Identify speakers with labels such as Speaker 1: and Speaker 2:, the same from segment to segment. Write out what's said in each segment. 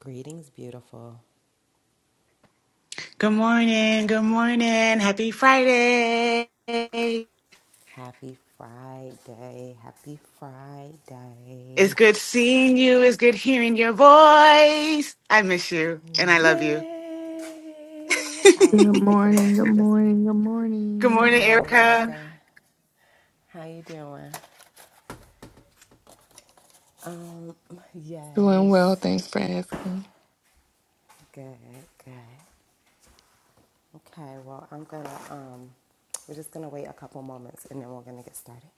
Speaker 1: Greetings, beautiful.
Speaker 2: Good morning. Good morning. Happy Friday. It's
Speaker 1: Happy Friday. Happy Friday.
Speaker 2: good seeing you. It's good hearing your voice. I miss you and I love you.
Speaker 1: Yay! I
Speaker 3: Good
Speaker 1: was just thinking
Speaker 3: morning,
Speaker 1: about
Speaker 3: good
Speaker 1: you this morning.
Speaker 3: morning, good
Speaker 2: Good
Speaker 1: Good
Speaker 3: morning.
Speaker 2: morning,
Speaker 1: morning,
Speaker 2: Erica.
Speaker 1: Erica. How you doing? Um,
Speaker 3: Doing well,
Speaker 1: yes.
Speaker 3: thanks for asking.
Speaker 1: Good, good. Okay, well, I'm gonna, um, we're just gonna wait a couple moments and then we're gonna get started.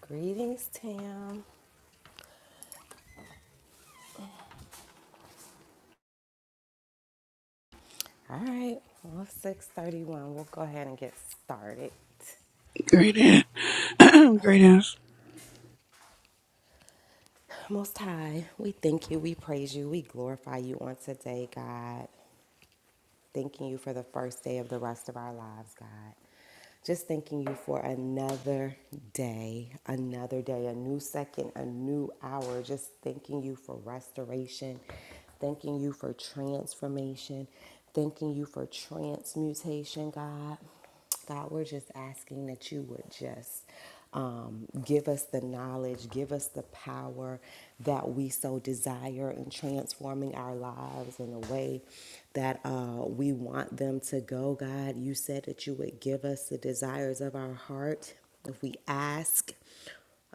Speaker 1: Greetings, Tim. All right, well, it's 631. We'll go ahead and get started.
Speaker 4: Greetings. greatness,
Speaker 1: Most High, we thank you, we praise you, we glorify you on today, God. Thanking you for the first day of the rest of our lives, God. Just thanking you for another day, another day, a new second, a new hour. Just thanking you for restoration, thanking you for transformation, thanking you for transmutation, God. God, we're just asking that you would just um, give us the knowledge, give us the power that we so desire in transforming our lives in a way that uh, we want them to go. God, you said that you would give us the desires of our heart if we ask.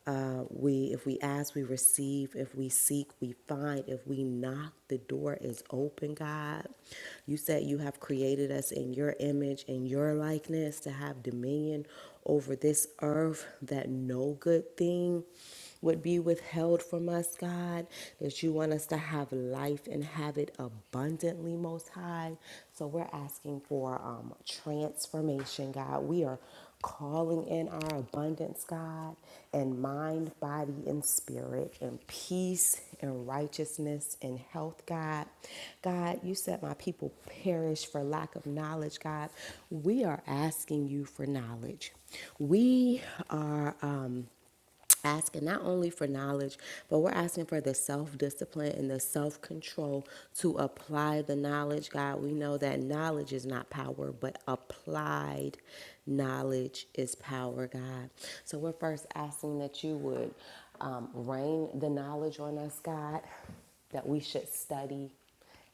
Speaker 1: Uh, we, if we ask, we receive. If we seek, we find. If we knock, the door is open. God, you said you have created us in your image and your likeness to have dominion over this earth. That no good thing would be withheld from us, God. That you want us to have life and have it abundantly, Most High. So we're asking for um, transformation, God. We are calling in our abundance, God, and mind, body, and spirit, and peace, and righteousness, and health, God. God, you said my people perish for lack of knowledge, God. We are asking you for knowledge. We are. Um, asking not only for knowledge, but we're asking for the self discipline and the self control to apply the knowledge. God, we know that knowledge is not power, but applied knowledge is power, God. So we're first asking that you would um, rain the knowledge on us, God, that we should study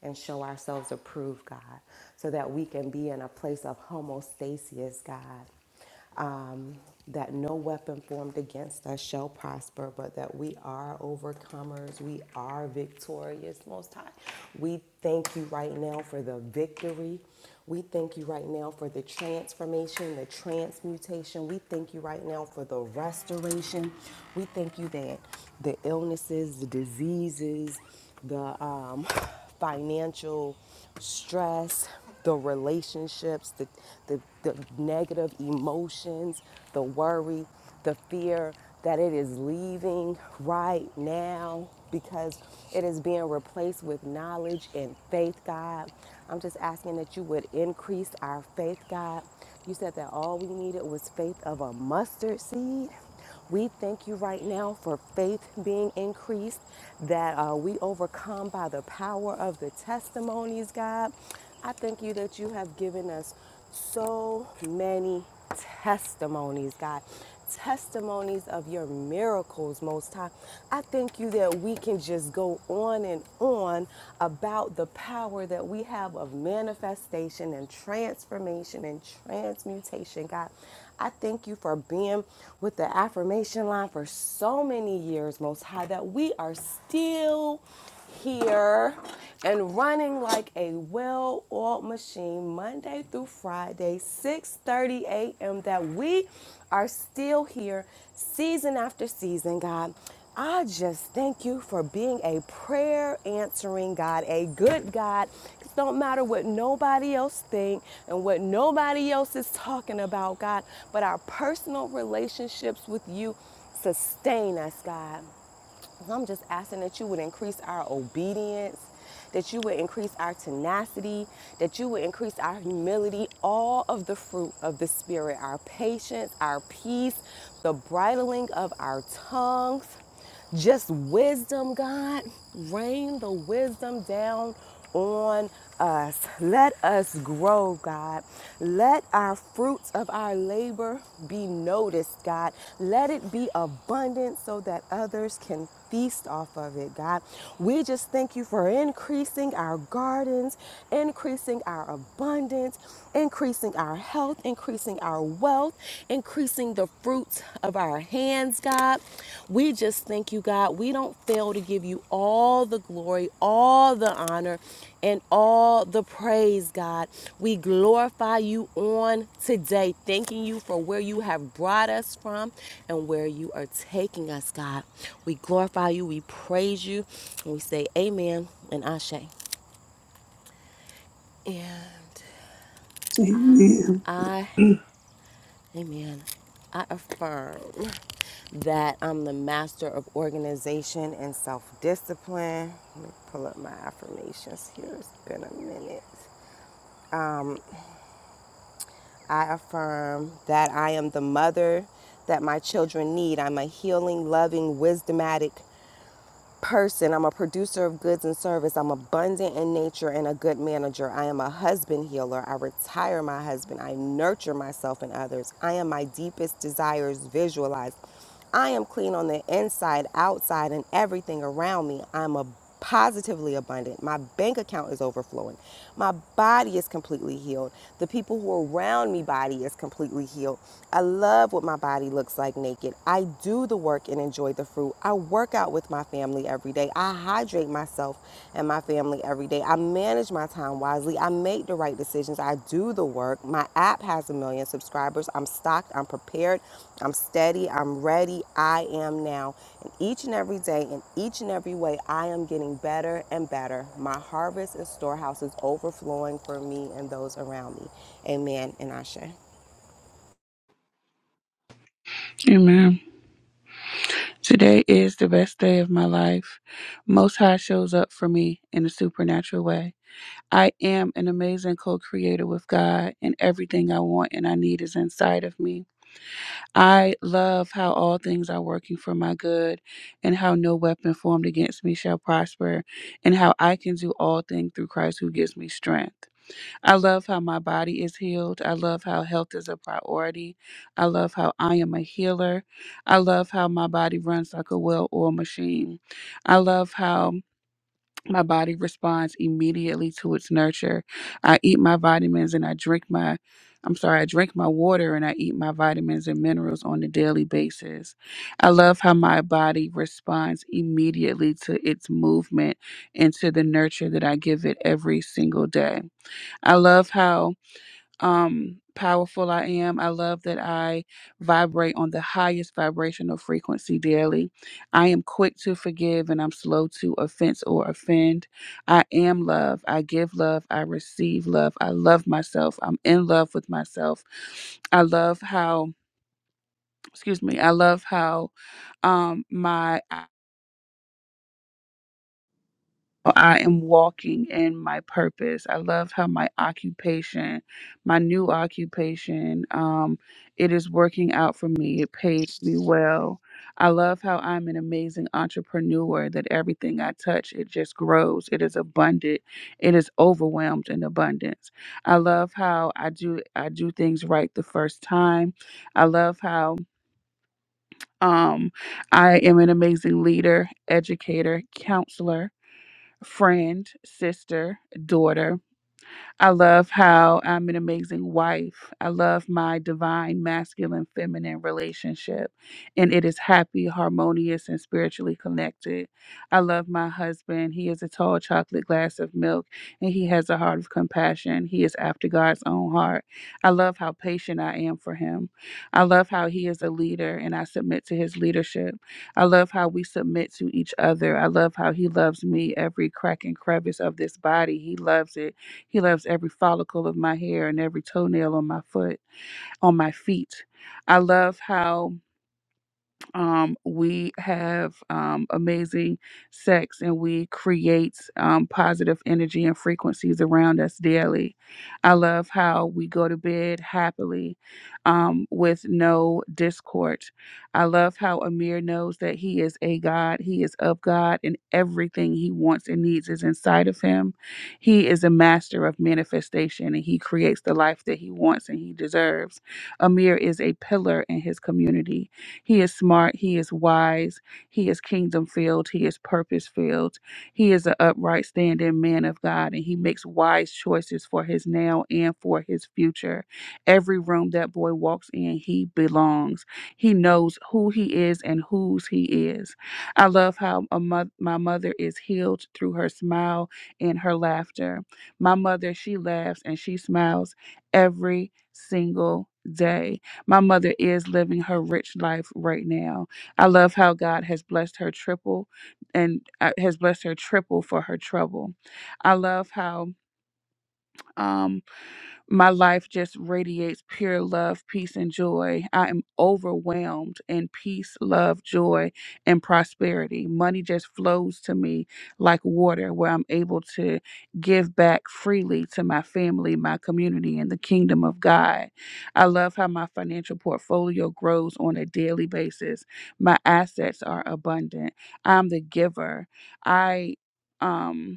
Speaker 1: and show ourselves approved, God, so that we can be in a place of homostasis, God um, that no weapon formed against us shall prosper, but that we are overcomers, we are victorious, Most High. We thank you right now for the victory. We thank you right now for the transformation, the transmutation. We thank you right now for the restoration. We thank you that the illnesses, the diseases, the um, financial stress, the relationships, the, the, the negative emotions, the worry, the fear that it is leaving right now because it is being replaced with knowledge and faith, God. I'm just asking that you would increase our faith, God. You said that all we needed was faith of a mustard seed. We thank you right now for faith being increased, that uh, we overcome by the power of the testimonies, God. I thank you that you have given us so many testimonies, God. Testimonies of your miracles, Most High. I thank you that we can just go on and on about the power that we have of manifestation and transformation and transmutation, God. I thank you for being with the affirmation line for so many years, Most High, that we are still here and running like a well-oiled machine Monday through Friday, 6:30 a.m. that we are still here season after season, God. I just thank you for being a prayer answering God, a good God. It don't matter what nobody else think and what nobody else is talking about, God, but our personal relationships with you sustain us, God. So I'm just asking that you would increase our obedience, that you would increase our tenacity, that you would increase our humility, all of the fruit of the Spirit, our patience, our peace, the bridling of our tongues, just wisdom, God. Rain the wisdom down on us. Let us grow, God. Let our fruits of our labor be noticed, God. Let it be abundant so that others can feast off of it, God. We just thank you for increasing our gardens, increasing our abundance, increasing our health, increasing our wealth, increasing the fruits of our hands, God. We just thank you, God. We don't fail to give you all the glory, all the honor, and all the praise, God. We glorify you on today, thanking you for where you have brought us from and where you are taking us, God. We glorify you, we praise you, and we say amen and ashe. Yeah,
Speaker 4: Amen.
Speaker 1: I, amen, I affirm that I'm the master of organization and self discipline. Let me pull up my affirmations here. It's been a minute. I affirm that I am the mother that my children need. I'm a healing, loving, wisdomatic person. I'm a producer of goods and service. I'm abundant in nature and a good manager. I am a husband healer. I retire my husband. I nurture myself and others. I am my deepest desires visualized. I am clean on the inside, outside, and everything around me. I'm abundant positively abundant. My bank account is overflowing. My body is completely healed. The people who are around me body is completely healed. I love what my body looks like naked. I do the work and enjoy the fruit. I work out with my family every day. I hydrate myself and my family every day. I manage my time wisely. I make the right decisions. I do the work. My app has a million subscribers. I'm stocked. I'm prepared. I'm steady. I'm ready. I am now. Each and every day, in each and every way, I am getting better and better. My harvest and storehouse is overflowing for me and those around me. Amen and Ashe.
Speaker 4: Amen. Today is the best day of my life. Most High shows up for me in a supernatural way. I am an amazing co creator with God, and everything I want and I need is inside of me. I love how all things are working for my good, and how no weapon formed against me shall prosper, and how I can do all things through Christ who gives me strength. I love how my body is healed. I love how health is a priority. I love how I am a healer. I love how my body runs like a well oiled machine. I love how my body responds immediately to its nurture. I eat my vitamins and I drink my. I'm sorry, I drink my water and I eat my vitamins and minerals on a daily basis. I love how my body responds immediately to its movement and to the nurture that I give it every single day. I love how um powerful I am. I love that I vibrate on the highest vibrational frequency daily. I am quick to forgive and I'm slow to offense or offend. I am love. I give love. I receive love. I love myself. I'm in love with myself. I love how excuse me. I love how um my I am walking in my purpose. I love how my occupation, my new occupation, um, it is working out for me. It pays me well. I love how I'm an amazing entrepreneur that everything I touch, it just grows. It is abundant. It is overwhelmed in abundance. I love how I do I do things right the first time. I love how um I am an amazing leader, educator, counselor friend, sister, daughter, I love how I'm an amazing wife. I love my divine masculine feminine relationship, and it is happy, harmonious, and spiritually connected. I love my husband. He is a tall chocolate glass of milk, and he has a heart of compassion. He is after God's own heart. I love how patient I am for him. I love how he is a leader, and I submit to his leadership. I love how we submit to each other. I love how he loves me every crack and crevice of this body. He loves it he loves every follicle of my hair and every toenail on my foot, on my feet. I love how um, we have um, amazing sex and we create um, positive energy and frequencies around us daily. I love how we go to bed happily um, with no discord. I love how Amir knows that he is a God, he is of God, and everything he wants and needs is inside of him. He is a master of manifestation and he creates the life that he wants and he deserves. Amir is a pillar in his community. He is smart. He is wise. He is kingdom filled. He is purpose filled. He is an upright, standing man of God, and he makes wise choices for his now and for his future. Every room that boy walks in, he belongs. He knows who he is and whose he is. I love how a mo- my mother is healed through her smile and her laughter. My mother, she laughs and she smiles every single day. My mother is living her rich life right now. I love how God has blessed her triple and uh, has blessed her triple for her trouble. I love how. um my life just radiates pure love, peace, and joy. I am overwhelmed in peace, love, joy, and prosperity. Money just flows to me like water, where I'm able to give back freely to my family, my community, and the kingdom of God. I love how my financial portfolio grows on a daily basis. My assets are abundant. I'm the giver. I um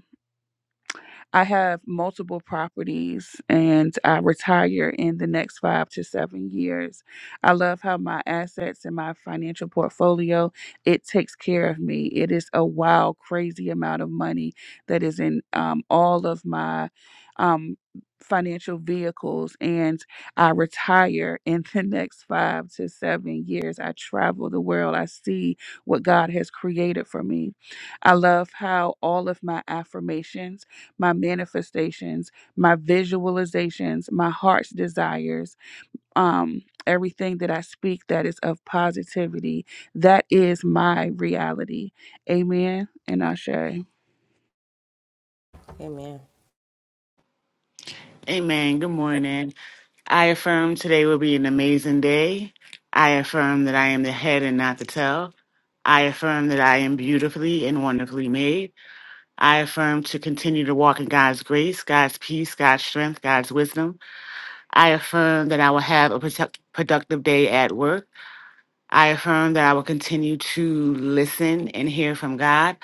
Speaker 4: I have multiple properties and I retire in the next five to seven years. I love how my assets and my financial portfolio, it takes care of me. It is a wild, crazy amount of money that is in um, all of my um, financial vehicles and I retire in the next five to seven years. I travel the world. I see what God has created for me. I love how all of my affirmations my manifestations, my visualizations, my heart's desires, um, everything that I speak that is of positivity. That is my reality. Amen. And Ashe.
Speaker 1: Amen.
Speaker 2: Amen. Good morning. I affirm today will be an amazing day. I affirm that I am the head and not the tail. I affirm that I am beautifully and wonderfully made. I affirm to continue to walk in God's grace, God's peace, God's strength, God's wisdom. I affirm that I will have a product- productive day at work. I affirm that I will continue to listen and hear from God.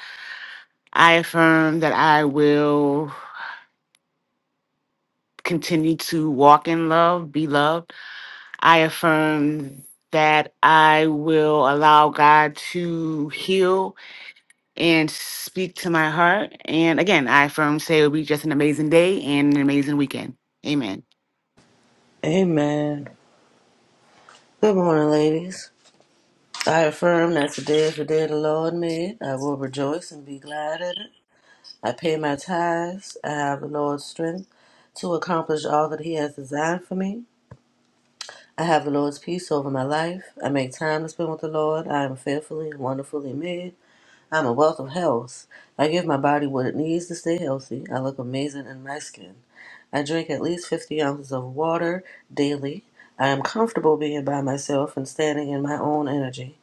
Speaker 2: I affirm that I will continue to walk in love, be loved. I affirm that I will allow God to heal and speak to my heart. And again, I affirm, say it will be just an amazing day and an amazing weekend. Amen.
Speaker 5: Amen. Good morning, ladies. I affirm that today is the day the Lord made. I will rejoice and be glad in it. I pay my tithes. I have the Lord's strength to accomplish all that He has designed for me. I have the Lord's peace over my life. I make time to spend with the Lord. I am fearfully and wonderfully made. I'm a wealth of health. I give my body what it needs to stay healthy. I look amazing in my skin. I drink at least 50 ounces of water daily. I am comfortable being by myself and standing in my own energy.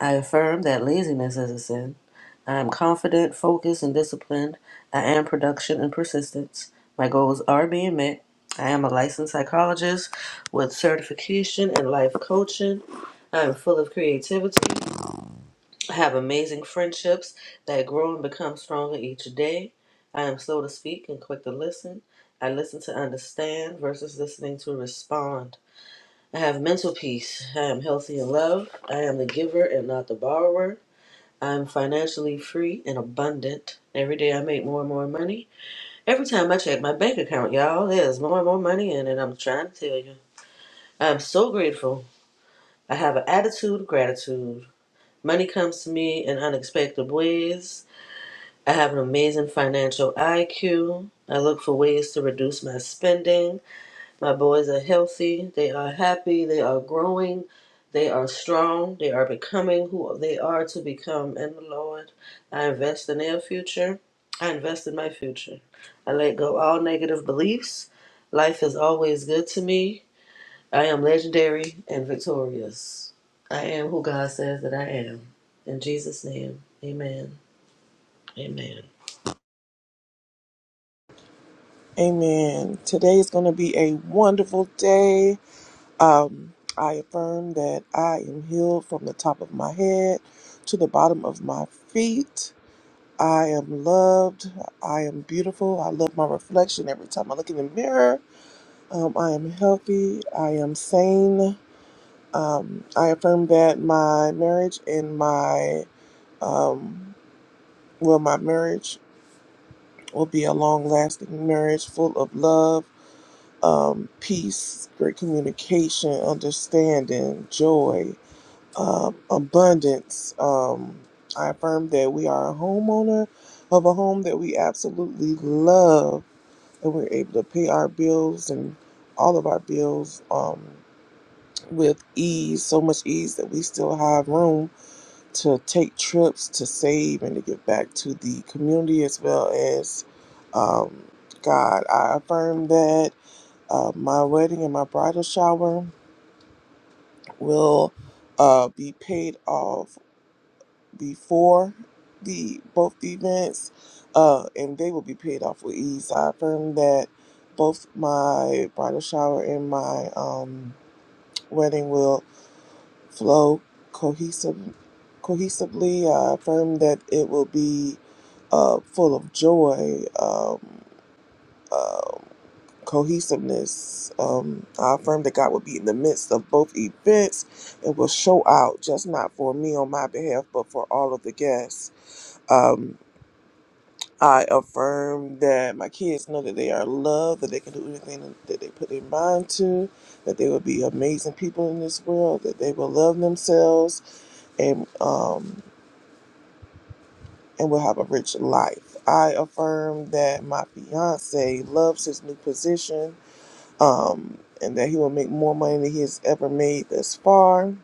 Speaker 5: I affirm that laziness is a sin. I am confident, focused, and disciplined. I am production and persistence. My goals are being met. I am a licensed psychologist with certification in life coaching. I am full of creativity have amazing friendships that grow and become stronger each day. I am slow to speak and quick to listen. I listen to understand versus listening to respond. I have mental peace. I am healthy in love. I am the giver and not the borrower. I am financially free and abundant. Every day I make more and more money. Every time I check my bank account, y'all, there's more and more money in it. I'm trying to tell you. I am so grateful. I have an attitude of gratitude. Money comes to me in unexpected ways. I have an amazing financial IQ. I look for ways to reduce my spending. My boys are healthy. They are happy. They are growing. They are strong. They are becoming who they are to become in the Lord. I invest in their future. I invest in my future. I let go all negative beliefs. Life is always good to me. I am legendary and victorious. I am who God says that I am. In Jesus' name, amen. Amen.
Speaker 6: Amen. Today is going to be a wonderful day. Um, I affirm that I am healed from the top of my head to the bottom of my feet. I am loved. I am beautiful. I love my reflection every time I look in the mirror. Um, I am healthy. I am sane. Um, I affirm that my marriage and my, um, well, my marriage will be a long lasting marriage full of love um, peace, great communication, understanding, joy, um, abundance. Um, I affirm that we are a homeowner of a home that we absolutely love, and we're able to pay our bills and all of our bills um, with ease, so much ease that we still have room to take trips, to save, and to give back to the community as well as um, God. I affirm that. Uh, my wedding and my bridal shower will uh, be paid off before the both events, uh, and they will be paid off with ease. I affirm that both my bridal shower and my um, wedding will flow cohesive, cohesively. I affirm that it will be uh, full of joy. Um, uh, cohesiveness. Um, I affirm that God will be in the midst of both events and will show out, just not for me on my behalf, but for all of the guests. Um, I affirm that my kids know that they are loved, that they can do anything that they put their mind to, that they will be amazing people in this world, that they will love themselves and um, and will have a rich life. I affirm that my fiance loves his new position um, and that he will make more money than he has ever made thus far.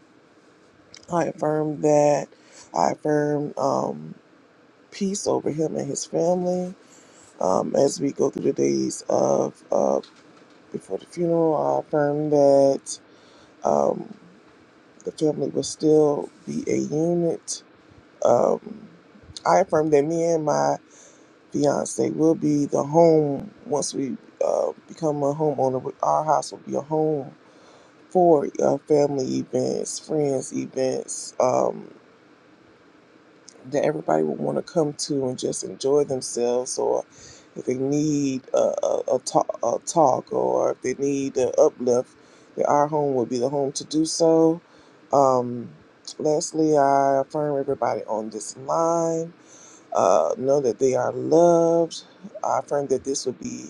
Speaker 6: I affirm that. I affirm um, peace over him and his family um, as we go through the days of uh, before the funeral. I affirm that um, the family will still be a unit. Um, I affirm that me and my fiance will be the home once we uh, become a homeowner. Our house will be a home for uh, family events, friends events um, that everybody would want to come to and just enjoy themselves, or if they need a, a, a, talk, a talk, or if they need an uplift, that our home would be the home to do so. Um, lastly, I affirm everybody on this line. Uh, know that they are loved. I affirm that this will be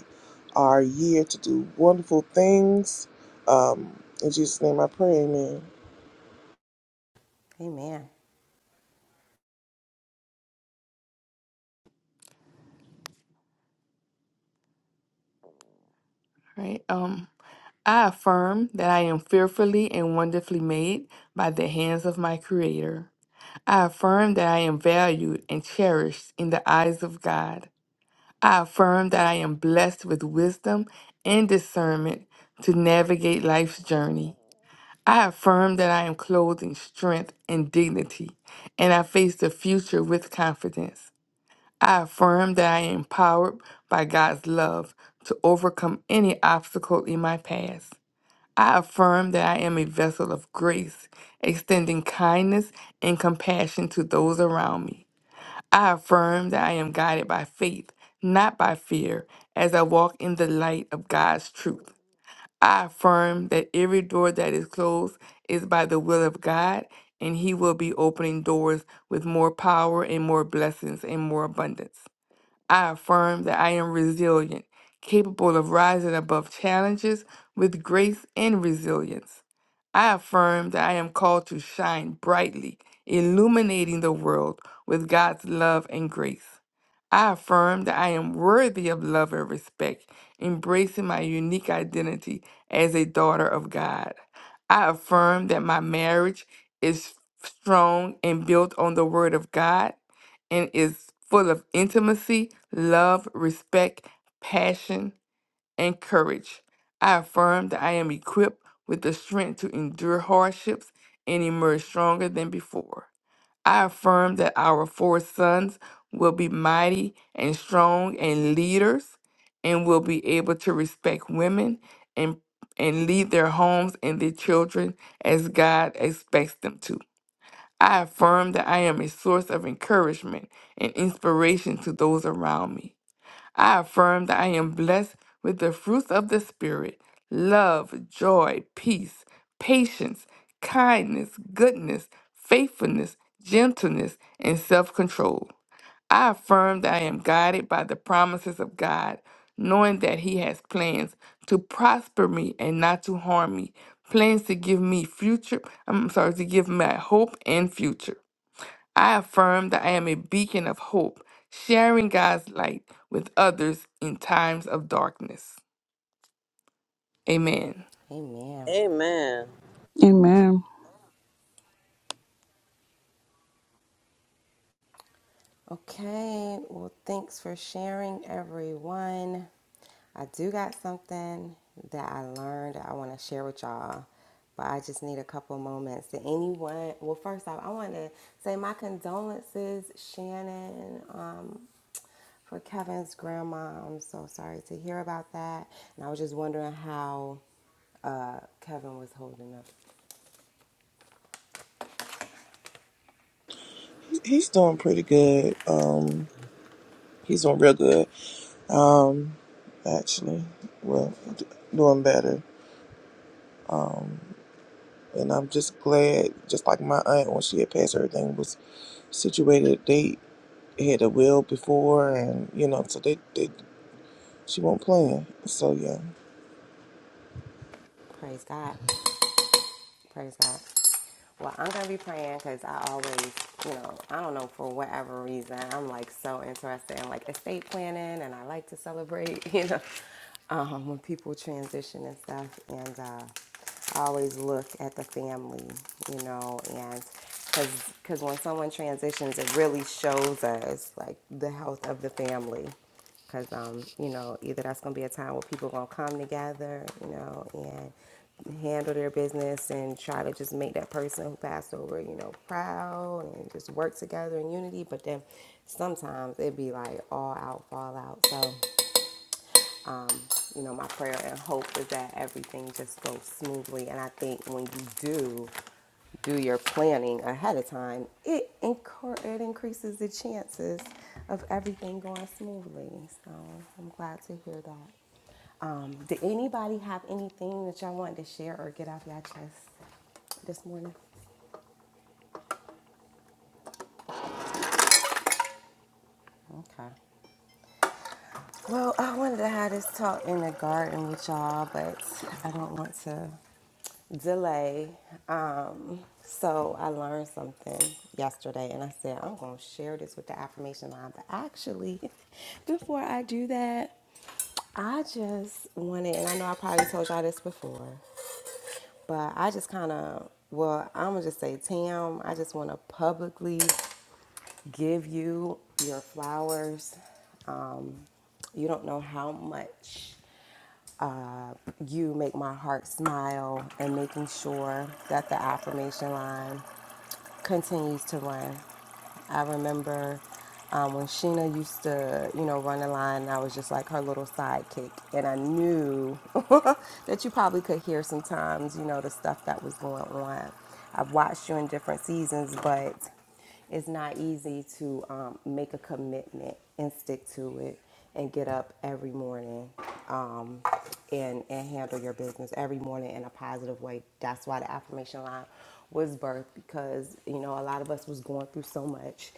Speaker 6: our year to do wonderful things. Um, in Jesus' name I pray, amen.
Speaker 1: Amen.
Speaker 3: Right. Um, I affirm that I am fearfully and wonderfully made by the hands of my creator. I affirm that I am valued and cherished in the eyes of God. I affirm that I am blessed with wisdom and discernment to navigate life's journey. I affirm that I am clothed in strength and dignity, and I face the future with confidence. I affirm that I am empowered by God's love to overcome any obstacle in my past. I affirm that I am a vessel of grace, extending kindness and compassion to those around me. I affirm that I am guided by faith, not by fear, as I walk in the light of God's truth. I affirm that every door that is closed is by the will of God, and He will be opening doors with more power and more blessings and more abundance. I affirm that I am resilient, capable of rising above challenges with grace and resilience. I affirm that I am called to shine brightly, illuminating the world with God's love and grace. I affirm that I am worthy of love and respect, embracing my unique identity as a daughter of God. I affirm that my marriage is strong and built on the Word of God and is full of intimacy, love, respect, passion, and courage. I affirm that I am equipped with the strength to endure hardships and emerge stronger than before. I affirm that our four sons will be mighty and strong and leaders and will be able to respect women and and lead their homes and their children as God expects them to. I affirm that I am a source of encouragement and inspiration to those around me. I affirm that I am blessed with the fruits of the Spirit love, joy, peace, patience, kindness, goodness, faithfulness, gentleness, and self control. I affirm that I am guided by the promises of God, knowing that He has plans to prosper me and not to harm me, plans to give me future, I'm sorry, to give me hope and future. I affirm that I am a beacon of hope, sharing God's light with others in times of darkness. Amen.
Speaker 1: Amen.
Speaker 5: Amen.
Speaker 4: Amen.
Speaker 1: Okay. Well, thanks for sharing, everyone. I do got something that I learned I want to share with y'all, but I just need a couple moments. Did anyone? Well, first off, I want to say my condolences, Shannon. Um, For Kevin's grandma, I'm so sorry to hear about that. And I was just wondering how uh, Kevin was holding up.
Speaker 6: He's doing pretty good. Um, he's doing real good. Um, actually, well, d- doing better. And I'm just glad, just like my aunt, when she had passed, everything was situated. They had a will before, and you know, so they, they she won't plan. So yeah,
Speaker 1: Praise God. Praise God. Well, I'm going to be praying because I always, you know, I don't know, for whatever reason, I'm like so interested in like estate planning and I like to celebrate, you know, um, when people transition and stuff. And uh, always look at the family, you know, and because because when someone transitions, it really shows us like the health of the family. Because, um, you know, either that's going to be a time where people are going to come together, you know, and handle their business and try to just make that person who passed over, you know, proud and just work together in unity. But then sometimes it'd be like all out, fall out. So, you know, my prayer and hope is that everything just goes smoothly. And I think when you do do your planning ahead of time, it incur- it increases the chances of everything going smoothly. So I'm glad to hear that. Um, did anybody have anything that y'all wanted to share or get off y'all chest this morning? Okay. Well, I wanted to have this talk in the garden with y'all, but I don't want to delay. Um, so I learned something yesterday, and I said I'm going to share this with the affirmation line. But actually, before I do that, I just wanted, and I know I probably told y'all this before, but I just kind of, well, I'm gonna just say, Tam, I just want to publicly give you your flowers. Um, you don't know how much uh, you make my heart smile and making sure that the affirmation line continues to run. I remember um, when Sheena used to, you know, run the line, I was just like her little sidekick. And I knew that you probably could hear sometimes, you know, the stuff that was going on. I've watched you in different seasons, but it's not easy to um, make a commitment and stick to it and get up every morning um, and, and handle your business every morning in a positive way. That's why the affirmation line was birthed because, you know, a lot of us was going through so much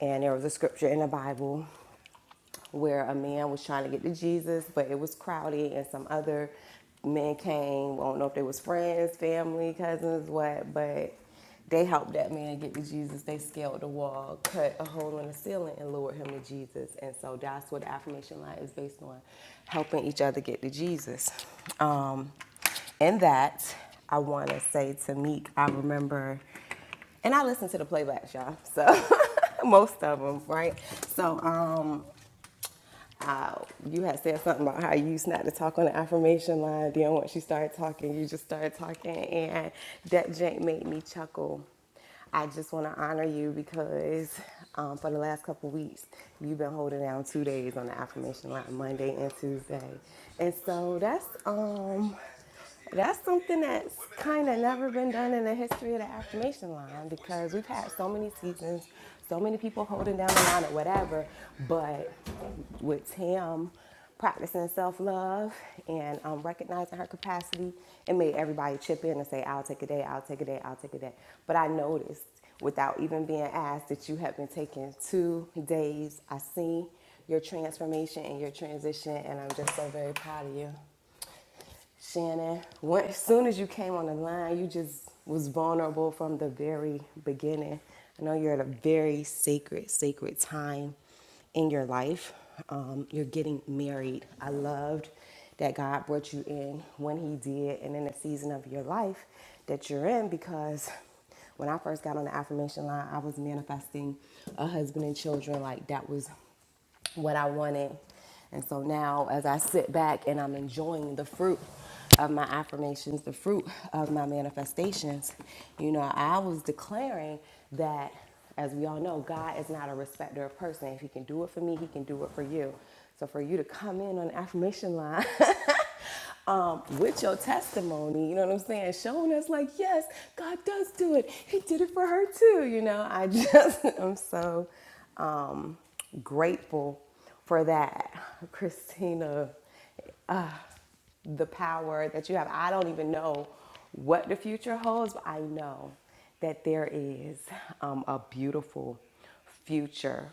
Speaker 1: and there was a scripture in the Bible where a man was trying to get to Jesus, but it was crowded and some other men came. I don't know if they was friends, family, cousins, what, but they helped that man get to Jesus. They scaled the wall, cut a hole in the ceiling, and lured him to Jesus. And so that's what the affirmation line is based on, helping each other get to Jesus. Um, in that, I want to say to Meek, I remember, and I listen to the playbacks, y'all. So most of them, right? So um, uh, you had said something about how you used not to talk on the affirmation line. Then once you started talking, you just started talking, and that jank made me chuckle. I just want to honor you because um, for the last couple weeks, you've been holding down two days on the affirmation line, Monday and Tuesday, and so that's um. That's something that's kind of never been done in the history of the affirmation line because we've had so many seasons, so many people holding down the line or whatever. But with Tim practicing self love and um, recognizing her capacity, it made everybody chip in and say, I'll take a day, I'll take a day, I'll take a day. But I noticed without even being asked that you have been taking two days. I see your transformation and your transition, and I'm just so very proud of you. Shannon, when, as soon as you came on the line, you just was vulnerable from the very beginning. I know you're at a very sacred, sacred time in your life. Um, you're getting married. I loved that God brought you in when He did and in the season of your life that you're in because when I first got on the affirmation line, I was manifesting a husband and children. Like that was what I wanted. And so now, as I sit back and I'm enjoying the fruit of my affirmations, the fruit of my manifestations, you know, I was declaring that, as we all know, God is not a respecter of person. If He can do it for me, He can do it for you. So for you to come in on the affirmation line up with your testimony, you know what I'm saying? Showing us like, yes, God does do it. He did it for her too, you know. I just i am so um grateful for that. Christina, uh, the power that you have. I don't even know what the future holds, but I know that there is um, a beautiful future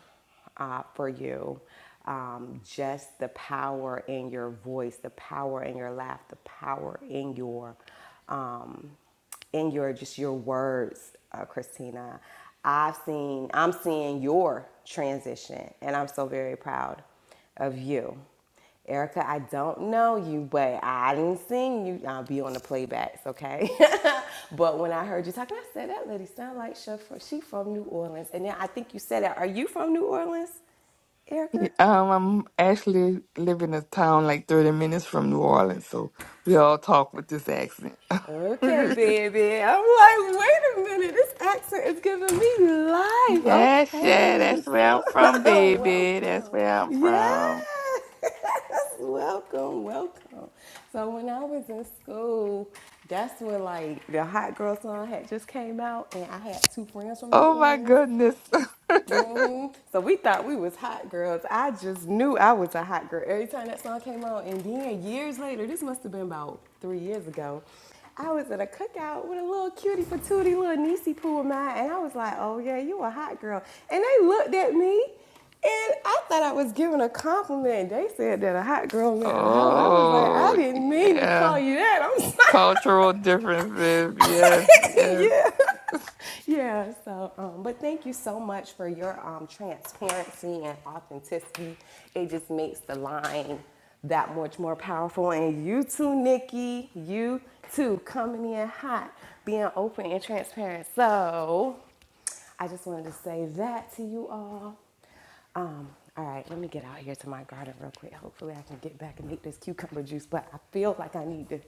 Speaker 1: uh, for you. Um, just the power in your voice, the power in your laugh, the power in your um, in your just your words, uh, Christina. I've seen I'm seeing your transition, and I'm so very proud of you. Erica, I don't know you, but I didn't sing you. I'll be on the playbacks, okay? but when I heard you talking, I said that lady sound like she from, she from New Orleans. And then I think you said that. Are you from New Orleans, Erica?
Speaker 3: Um, I'm actually live in a town like 30 minutes from New Orleans, so we all talk with this accent.
Speaker 1: Okay,
Speaker 3: yes,
Speaker 1: baby. I'm like, wait a minute. This accent is giving me life.
Speaker 3: yeah, sure,
Speaker 1: Okay,
Speaker 3: that's where
Speaker 1: so
Speaker 3: I'm from, baby. That's
Speaker 1: welcome.
Speaker 3: where I'm from.
Speaker 1: Yes, welcome, welcome. So when I was in school, that's when like the Hot Girl song had just came out, and I had two friends from New
Speaker 3: Oh my
Speaker 1: Orleans,
Speaker 3: goodness.
Speaker 1: hmm So we thought we was hot girls. I just knew I was a hot girl every time that song came on. And then years later, this must have been about three years ago, I was at a cookout with a little cutie patootie little niecey poo of mine, and I was like, "Oh yeah, you a hot girl." And they looked at me, and I thought I was giving a compliment. They said that a hot girl meant a hoe. I was like, "I
Speaker 3: oh,
Speaker 1: didn't mean to call
Speaker 3: yeah.
Speaker 1: you that. I'm sorry."
Speaker 3: Cultural differences. Yes, yes.
Speaker 1: yeah. Yeah, so, um, but thank you so much for your um, transparency and authenticity. It just makes the line that much more powerful. And you too, Nikki, you too, coming in hot, being open and transparent. So, I just wanted to say that to you all. Um, all right, let me get out here to my garden real quick. Hopefully, I can get back and make this cucumber juice. But I feel like I need to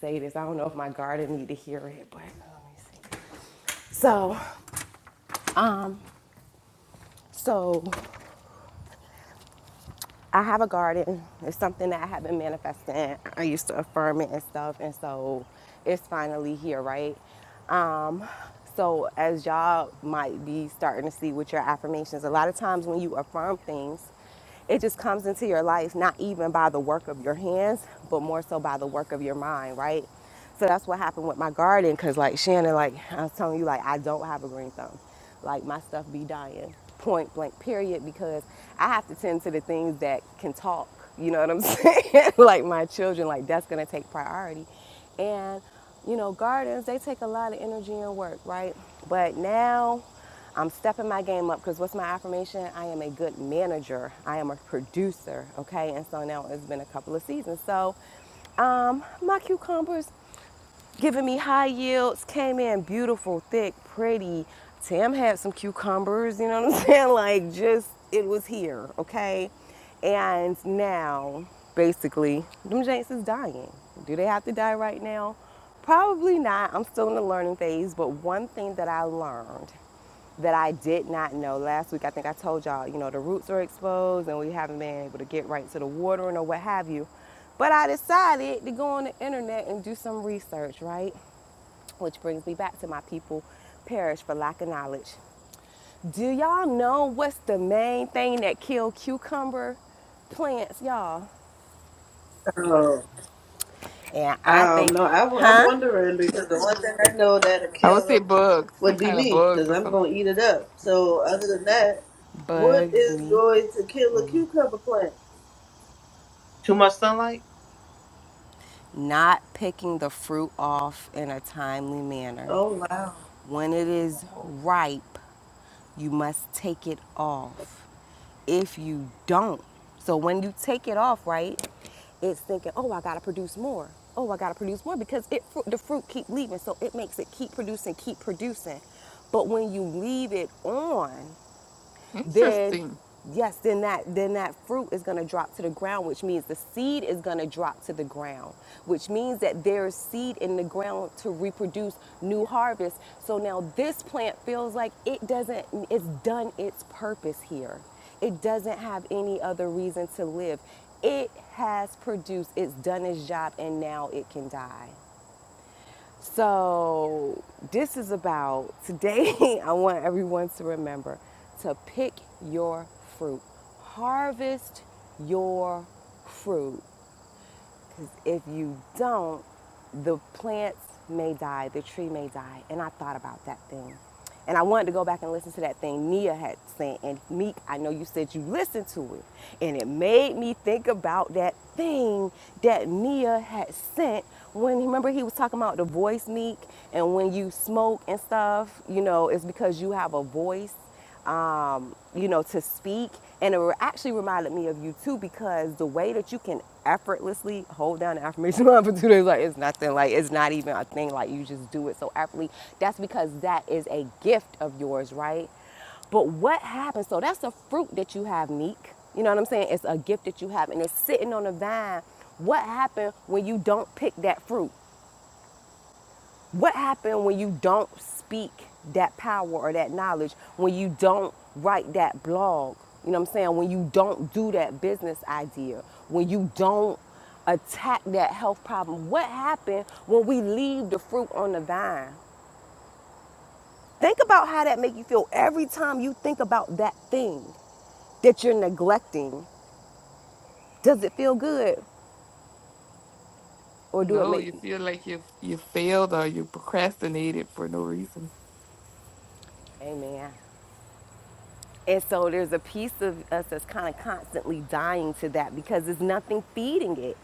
Speaker 1: say this. I don't know if my garden need to hear it, but uh, let me see. So, um, so I have a garden. It's something that I have been manifesting. I used to affirm it and stuff, and so it's finally here, right? Um, so as y'all might be starting to see with your affirmations, a lot of times when you affirm things, it just comes into your life, not even by the work of your hands, but more so by the work of your mind, right? So that's what happened with my garden, cause like Shannon, like I was telling you, like I don't have a green thumb. Like my stuff be dying, point blank, period, because I have to tend to the things that can talk. You know what I'm saying? like my children, like that's gonna take priority. And you know, gardens they take a lot of energy and work, right? But now I'm stepping my game up because what's my affirmation? I am a good manager. I am a producer, okay? And so now it's been a couple of seasons. So um, my cucumbers giving me high yields. Came in beautiful, thick, pretty. Tam had some cucumbers, you know what I'm saying? Like, just, it was here, okay? And now, basically, them Janks is dying. Do they have to die right now? Probably not. I'm still in the learning phase, but one thing that I learned that I did not know. Last week, I think I told y'all, you know, the roots are exposed and we haven't been able to get right to the watering or what have you. But I decided to go on the internet and do some research, right? Which brings me back to my people perish for lack of knowledge. Do y'all know what's the main thing that kill cucumber plants, y'all?
Speaker 5: Oh,
Speaker 1: And I
Speaker 5: um,
Speaker 1: think,
Speaker 5: no, I, am
Speaker 1: huh?
Speaker 5: wondering because the one thing I know that'll
Speaker 3: I would
Speaker 5: kill
Speaker 3: say
Speaker 5: them
Speaker 3: bugs, some
Speaker 5: would be
Speaker 3: kind of
Speaker 5: me
Speaker 3: bugs
Speaker 5: because
Speaker 3: or
Speaker 5: I'm
Speaker 3: something.
Speaker 5: going to eat it up. So, other than that, what
Speaker 1: Bugs
Speaker 5: is
Speaker 1: me
Speaker 5: going to kill a cucumber plant?
Speaker 7: Too much sunlight?
Speaker 1: not picking the fruit off in a timely manner.
Speaker 5: Oh, wow.
Speaker 1: When it is ripe, you must take it off. If you don't, so when you take it off, right, it's thinking, oh, I gotta produce more. Oh, I gotta produce more because it the fruit keep leaving, so it makes it keep producing, keep producing. But when you leave it on, then
Speaker 3: Interesting.
Speaker 1: yes, then that then that fruit is going to drop to the ground, which means the seed is going to drop to the ground, which means that there's seed in the ground to reproduce new harvest. So now this plant feels like it doesn't it's done its purpose here. It doesn't have any other reason to live. It has produced, it's done its job, and now it can die. So, this is about today. I want everyone to remember to pick your fruit, harvest your fruit. Because if you don't, the plants may die, the tree may die. And I thought about that thing. And I wanted to go back and listen to that thing Nia had sent. And Meek, I know you said you listened to it. And it made me think about that thing that Nia had sent when, remember, he was talking about the voice, Meek, and when you smoke and stuff, you know, it's because you have a voice um, you know, to speak. And it actually reminded me of you too because the way that you can effortlessly hold down the affirmation line for two days, like it's nothing, like it's not even a thing, like you just do it so effortlessly. That's because that is a gift of yours, right? But what happens? So that's a fruit that you have, Neek. You know what I'm saying? It's a gift that you have, and it's sitting on a vine. What happened when you don't pick that fruit? What happens when you don't speak that power or that knowledge, when you don't write that blog? You know what I'm saying? When you don't do that business idea, when you don't attack that health problem. What happens when we leave the fruit on the vine? Think about how that make you feel every time you think about that thing that you're neglecting. Does it feel good or do it
Speaker 3: No,
Speaker 1: make
Speaker 3: you
Speaker 1: you?
Speaker 3: feel like you you failed or you procrastinated for no reason.
Speaker 1: Amen. And so there's a piece of us that's kind of constantly dying to that because there's nothing feeding it.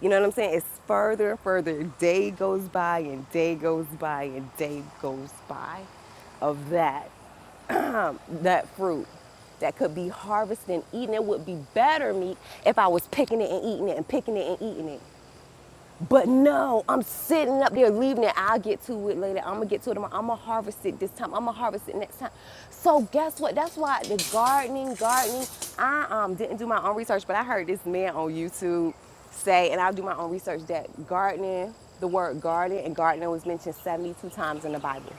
Speaker 1: You know what I'm saying? It's further and further. Day goes by and day goes by and day goes by of that, that fruit that could be harvested and eaten. It would be better meat if I was picking it and eating it and picking it and eating it. But no, I'm sitting up there leaving it. I'll get to it later. I'm gonna get to it tomorrow. I'm gonna harvest it this time. I'm gonna harvest it next time. So guess what? That's why the gardening, gardening. I um didn't do my own research, but I heard this man on YouTube say, and I'll do my own research that gardening, the word garden and gardener was mentioned 72 times in the Bible,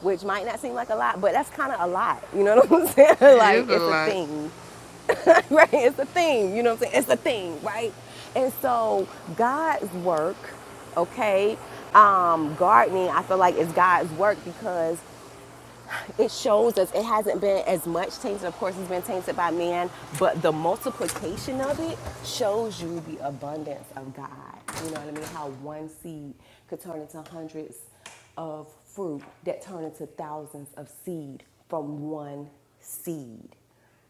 Speaker 1: which might not seem like a lot, but that's kind of a lot. You know what I'm saying?
Speaker 3: That is
Speaker 1: like
Speaker 3: a
Speaker 1: it's a
Speaker 3: lot.
Speaker 1: thing. right? It's a theme, you know what I'm saying? It's a thing, right? And so God's work, okay, um, gardening, I feel like is God's work because it shows us it hasn't been as much tainted. Of course, it's been tainted by man, but the multiplication of it shows you the abundance of God. You know what I mean? How one seed could turn into hundreds of fruit that turn into thousands of seed from one seed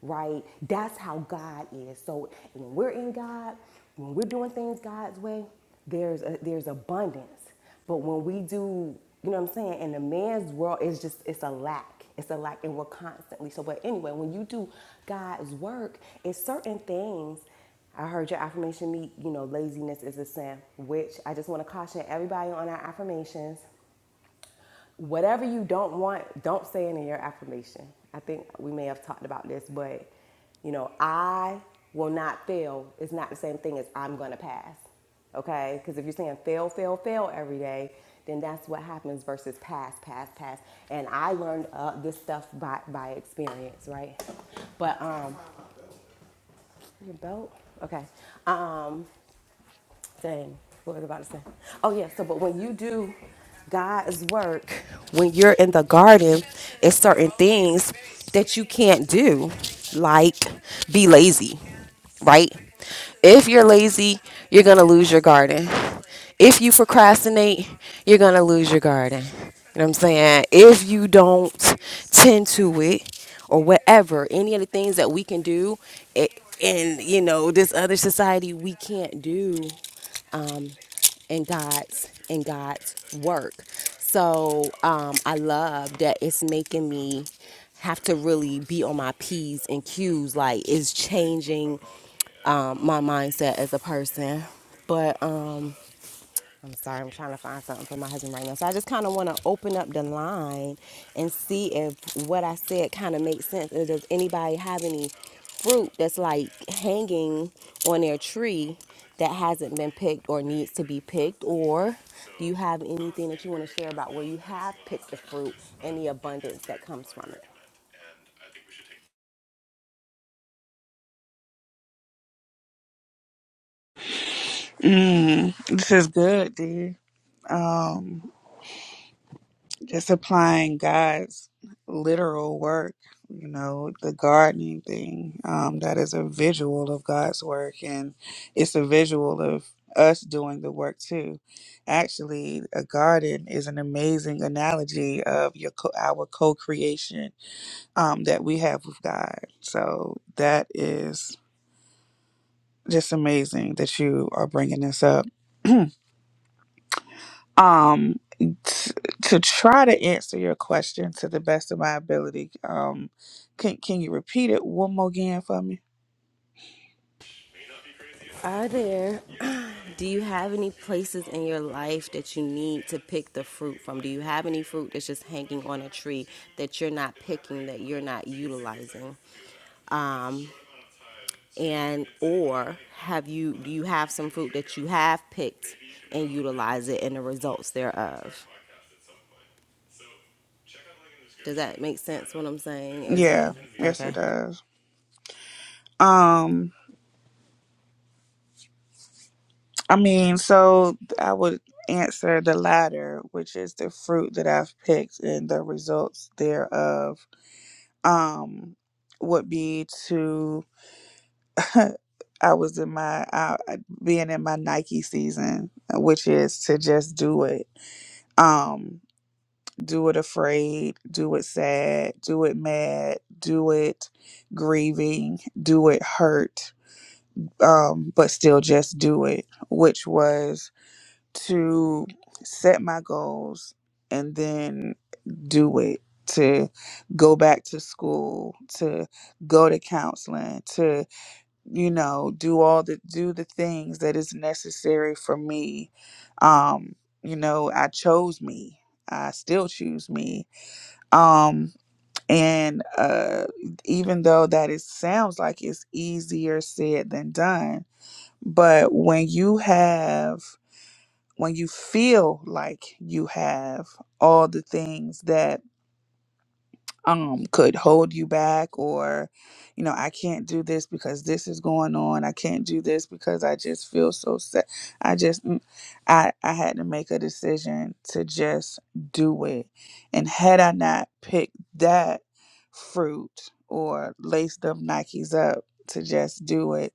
Speaker 1: right? That's how God is. So when we're in God, when we're doing things God's way, there's a, there's abundance. But when we do, you know what I'm saying, in the man's world, it's just, it's a lack. It's a lack, and we're constantly. So, but anyway, when you do God's work, it's certain things. I heard your affirmation meet, you know, laziness is a sin, which I just want to caution everybody on our affirmations whatever you don't want, don't say it in your affirmation. I think we may have talked about this, but you know, I will not fail is not the same thing as I'm gonna pass. Okay? Because if you're saying fail, fail, fail every day, then that's what happens versus pass, pass, pass. And I learned uh, this stuff by, by experience, right? But um, your belt, okay. Um, Dang, what was I about to say? Oh yeah, so but when you do God's work, when you're in the garden, it's certain things that you can't do, like be lazy, right? If you're lazy, you're gonna lose your garden. If you procrastinate, you're gonna lose your garden. You know what I'm saying? If you don't tend to it, or whatever, any of the things that we can do, it, and you know this other society we can't do and God's and God's work. So um, I love that it's making me have to really be on my p's and q's. Like it's changing um, my mindset as a person. But um, I'm sorry, I'm trying to find something for my husband right now. So I just kind of want to open up the line and see if what I said kind of makes sense. Or does anybody have any fruit that's like hanging on their tree that hasn't been picked or needs to be picked? Or do you have anything that you want to share about where you have picked the fruit and the abundance that comes from it?
Speaker 4: Mm, this is good, dear. Um, Just applying God's literal work, you know, the gardening thing, um, that is a visual of God's work and it's a visual of us doing the work too. Actually, a garden is an amazing analogy of your co- our co-creation um, that we have with God. So that is just amazing that you are bringing this up. Um, t- to try to answer your question to the best of my ability, um, can can you repeat it one more again for me?
Speaker 1: Are there, do you have any places in your life that you need to pick the fruit from? Do you have any fruit that's just hanging on a tree that you're not picking, that you're not utilizing? And, or have you, do you have some fruit that you have picked and utilize it and the results thereof? Does that make sense what I'm saying? Is there,
Speaker 4: Yeah, yes, it
Speaker 1: okay.
Speaker 4: does. Um, I mean, so I would answer the latter, which is the fruit that I've picked and the results thereof. Um, would be to I was in my uh, being in my Nike season, which is to just do it. Um, do it afraid, do it sad, do it mad, do it grieving, do it hurt, um, but still just do it, which was to set my goals and then do it, to go back to school, to go to counseling, to, you know, do all the do the things that is necessary for me. Um, you know, I chose me. I still choose me um and uh even though that it sounds like it's easier said than done but when you have when you feel like you have all the things that um could hold you back or you know i can't do this because this is going on i can't do this because i just feel so sad i just mm, i i had to make a decision to just do it and had i not picked that fruit or laced up nikes up to just do it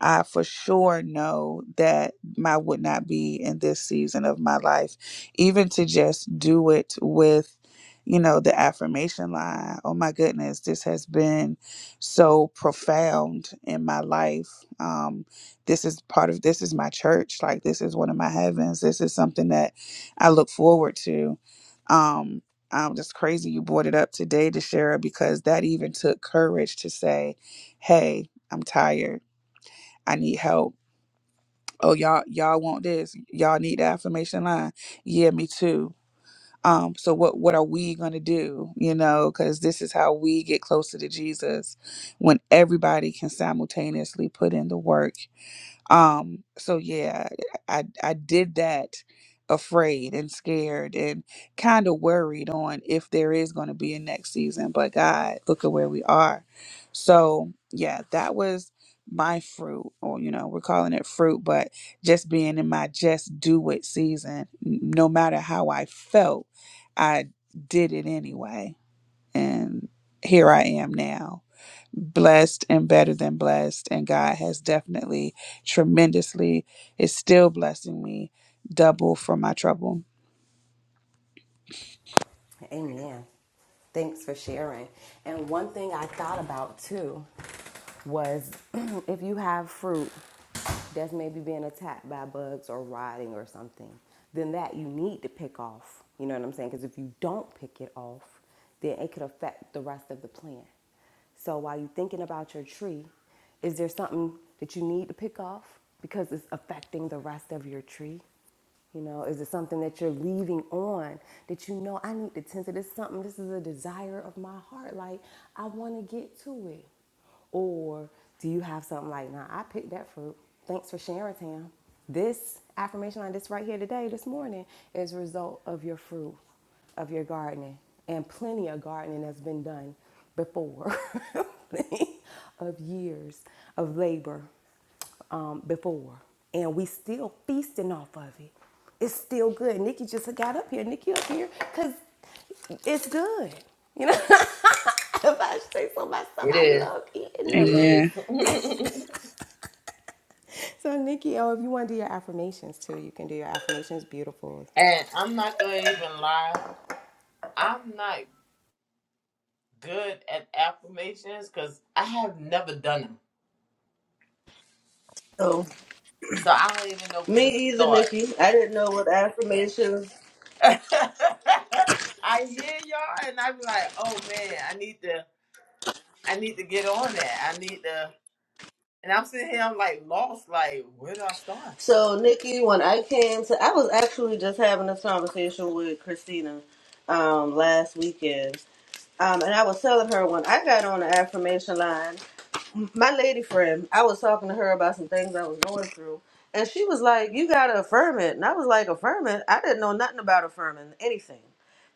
Speaker 4: i for sure know that I would not be in this season of my life even to just do it with you know, the affirmation line. Oh my goodness, this has been so profound in my life. Um, this is part of this is my church. Like this is one of my heavens. This is something that I look forward to. Um, I'm just crazy you brought it up today, Deshara, because that even took courage to say, "Hey, I'm tired. I need help." Oh, y'all, y'all want this? Y'all need the affirmation line? Yeah, me too um so what what are we going to do you know because this is how we get closer to jesus when everybody can simultaneously put in the work um, so yeah, I I did that afraid and scared and kind of worried on if there is going to be a next season, but God, look at where we are. So, yeah, that was my fruit or you know, we're calling it fruit, but just being in my just do it season, n- no matter how I felt, I did it anyway. And here I am now blessed and better than blessed. And God has definitely tremendously is still blessing me double for my trouble.
Speaker 1: Amen. Thanks for sharing. And one thing I thought about too was if you have fruit that's maybe being attacked by bugs or rotting or something, then that you need to pick off. You know what I'm saying? Because if you don't pick it off, then it could affect the rest of the plant. So while you're thinking about your tree, is there something that you need to pick off because it's affecting the rest of your tree? You know, is it something that you're leaving on that you know I need to tend to this something this is a desire of my heart like I want to get to it. Or do you have something like, nah, I picked that fruit. Thanks for sharing, Tam. This affirmation line, this right here today, this morning, is a result of your fruit, of your gardening, and plenty of gardening that's been done before of years of labor um, before, and we still feasting off of it. It's still good. Nikki just got up here. Nikki up here because it's good. You know, if I say so myself, I
Speaker 7: It
Speaker 1: love eating
Speaker 7: is.
Speaker 1: of it.
Speaker 4: Amen.
Speaker 1: So Nikki, oh, if you want to do your affirmations too, you can do your affirmations. Beautiful.
Speaker 7: And I'm not going to even lie. I'm not good at affirmations because I have never done them.
Speaker 5: So,
Speaker 7: So I don't even know where
Speaker 5: me
Speaker 7: to
Speaker 5: either,
Speaker 7: start.
Speaker 5: Nikki. I didn't know what affirmations.
Speaker 7: I hear y'all and I be like, oh man, I need to I need to get on that. I need to and I'm sitting here, I'm like lost, like, where do I start?
Speaker 5: So, Nikki, when I came to, I was actually just having this conversation with Christina um, last weekend. Um, and I was telling her when I got on the affirmation line. my lady friend, I was talking to her about some things I was going through, and she was like, "You gotta affirm it," and I was like, "Affirm it? I didn't know nothing about affirming anything."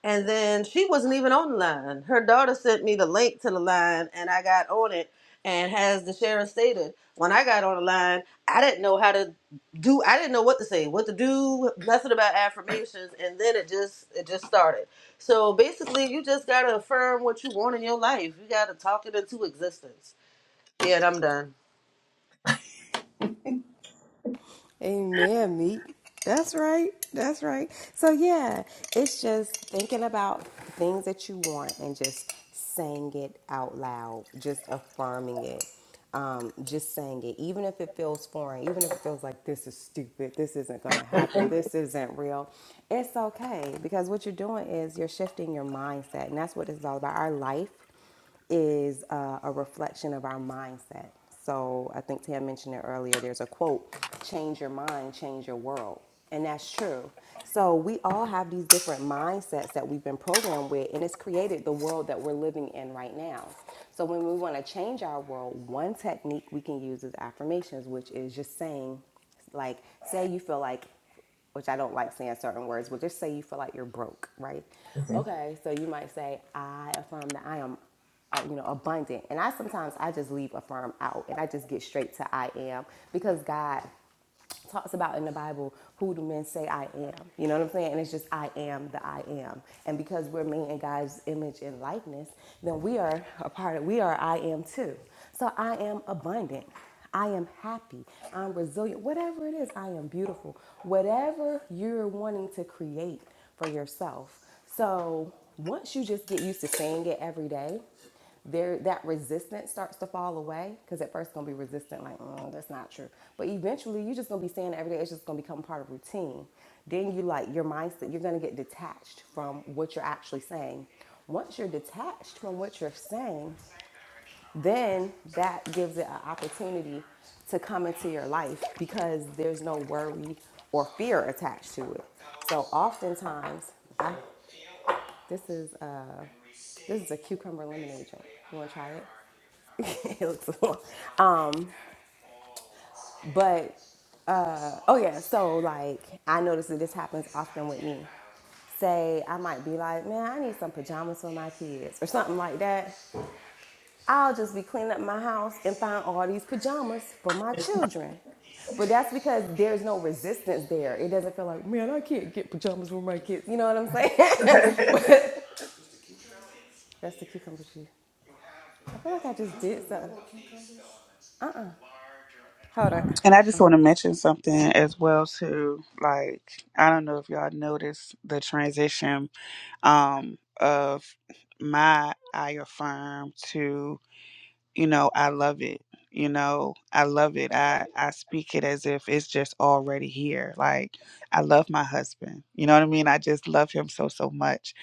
Speaker 5: And then she wasn't even on the line. Her daughter sent me the link to the line, and I got on it. And as the sheriff stated, when I got on the line, I didn't know how to do. I didn't know what to say, what to do, nothing about affirmations. And then it just it just started. So basically, you just gotta affirm what you want in your life. You gotta talk it into existence yeah, I'm done.
Speaker 1: Amen, meat. That's right. That's right. So yeah, it's just thinking about things that you want and just saying it out loud, just affirming it. Um, just saying it, even if it feels foreign, even if it feels like this is stupid, this isn't gonna happen, this isn't real, it's okay because what you're doing is you're shifting your mindset, and that's what it's all about. Our life is uh, a reflection of our mindset. So I think Tam mentioned it earlier. There's a quote: "Change your mind, change your world," and that's true. So we all have these different mindsets that we've been programmed with, and it's created the world that we're living in right now. So when we want to change our world, one technique we can use is affirmations, which is just saying, like, say you feel like which I don't like saying certain words, but just say you feel like you're broke, right?
Speaker 7: Mhm.
Speaker 1: Okay, so you might say, I affirm that I am, uh, you know, abundant. And I sometimes, I just leave affirm out and I just get straight to I am because God talks about in the Bible who do men say I am. You know what I'm saying? And it's just I am the I am. And because we're made in God's image and likeness, then we are a part of we are I am too. So I am abundant. I am happy. I'm resilient. Whatever it is, I am beautiful. Whatever you're wanting to create for yourself. So once you just get used to saying it every day, there that resistance starts to fall away because at first it's gonna be resistant like mm, that's not true but eventually you're just gonna be saying it every day it's just gonna become part of routine then you like your mindset you're gonna get detached from what you're actually saying once you're detached from what you're saying then that gives it an opportunity to come into your life because there's no worry or fear attached to it so oftentimes I, this is uh, this is a cucumber lemonade drink you want to try it it looks a little. Um, but oh yeah, so like I notice that this happens often with me. Say I might be like, man, I need some pajamas for my kids or something like that. I'll just be cleaning up my house and find all these pajamas for my children. But that's because there's no resistance there. It doesn't feel like, man, I can't get pajamas for my kids. You know what I'm saying? but that's the cucumber tree. I feel like I just did something. Uh-uh. Hold on.
Speaker 4: And I just want to mention something as well too. Like I don't know if y'all noticed the transition um of my I affirm to you know i love it you know i love it i i speak it as if it's just already here like i love my husband you know what i mean i just love him so so much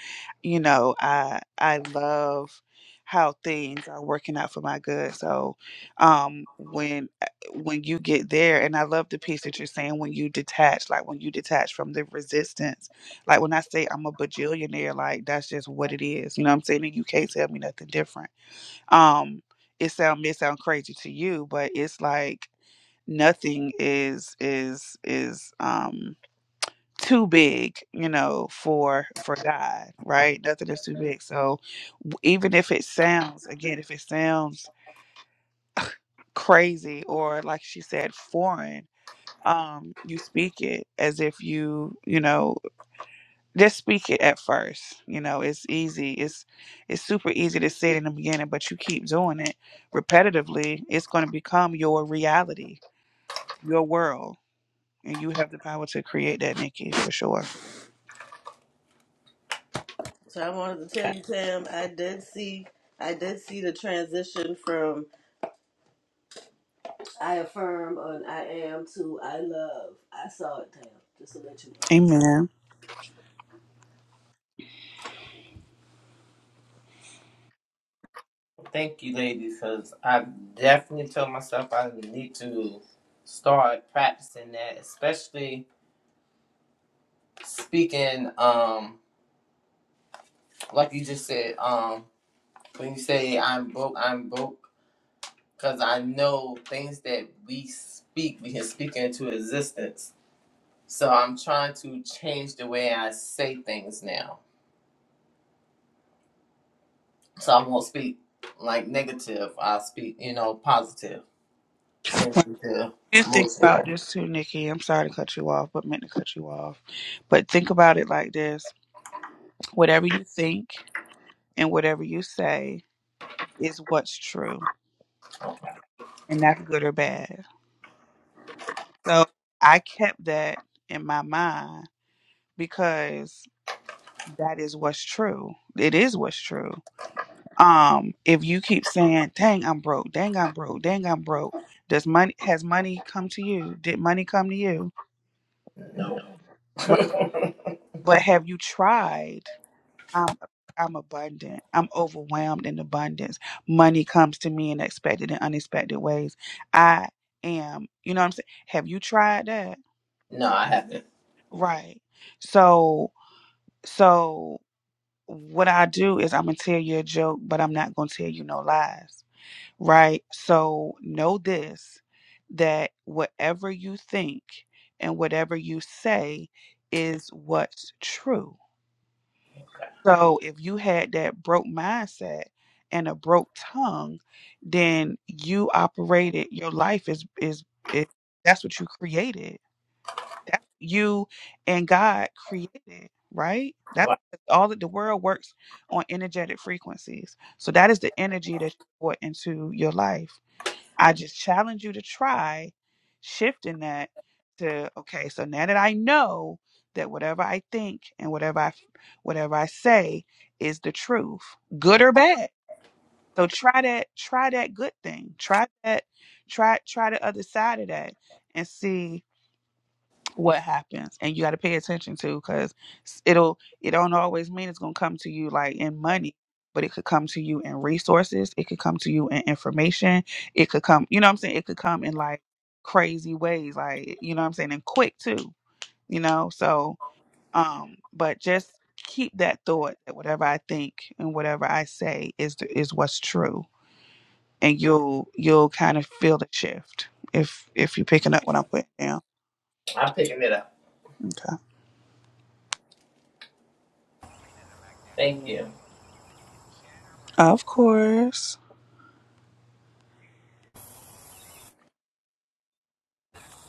Speaker 4: you know i i love how things are working out for my good so um when eh, when you get there and i love the piece that you're saying when you detach like when you detach from the resistance like when i say i'm a bajillionaire like that's just what it is you know what i'm saying and you can't tell me nothing different um it sound may sound crazy to you but it's like nothing is is is um too big you know for for god right nothing is too big so w- even if it sounds again if it sounds crazy or like she said foreign um you speak it as if you you know just speak it at first you know it's easy it's it's super easy to say it in the beginning but you keep doing it repetitively it's going to become your reality your world and you have the power to create that nikki for sure
Speaker 5: So I wanted to tell
Speaker 7: Okay.
Speaker 5: you, Tam, I did see I did see the transition from I affirm and I am to I love. I saw it, Tam, just to let you know.
Speaker 4: amen
Speaker 7: Thank you, ladies, because I definitely told myself I need to start practicing that, especially speaking um like you just said um when you say i'm broke i'm broke because i know things that we speak we can speak into existence so i'm trying to change the way i say things now so i won't speak like negative i speak you know positive thank
Speaker 4: When
Speaker 7: you to
Speaker 4: you think
Speaker 7: motion
Speaker 4: about this too nikki i'm sorry to cut you off but meant to cut you off but think about it like this whatever you think and whatever you say is what's true
Speaker 7: oh,
Speaker 4: and that's good or bad so i kept that in my mind because that is what's true. It is what's true. Um, if you keep saying, "Dang, I'm broke. Dang, I'm broke. Dang, I'm broke," does money has money come to you? Did money come to you?
Speaker 7: no
Speaker 4: Right. But have you tried? I'm I'm abundant. I'm overwhelmed in abundance. Money comes to me in expected and unexpected ways. I am. You know what I'm saying? Have you tried that?
Speaker 7: no i haven't
Speaker 4: Right. So so what I do is I'm gonna tell you a joke, but I'm not gonna tell you no lies, right? So know this that whatever you think and whatever you say is what's true. So if you had that broke mindset and a broke tongue, then you operated your life is is, is that's what you created that's what you and God created, right? That's
Speaker 7: Well,
Speaker 4: all that the world works on energetic frequencies. So that is the energy that you brought into your life. I just challenge you to try shifting that to okay, so now that I know that whatever I think and whatever I whatever I say is the truth, good or bad. So try that try that good thing. Try that try try the other side of that and see what happens and you got to pay attention to because it'll it don't always mean it's going to come to you like in money but it could come to you in resources it could come to you in information it could come you know what i'm saying it could come in like crazy ways like you know what i'm saying and quick too you know so um but just keep that thought that whatever i think and whatever i say is the, is what's true and you'll you'll kind of feel the shift if if you're picking up what i'm putting down
Speaker 7: i'm picking it up
Speaker 4: okay
Speaker 7: thank you
Speaker 4: of course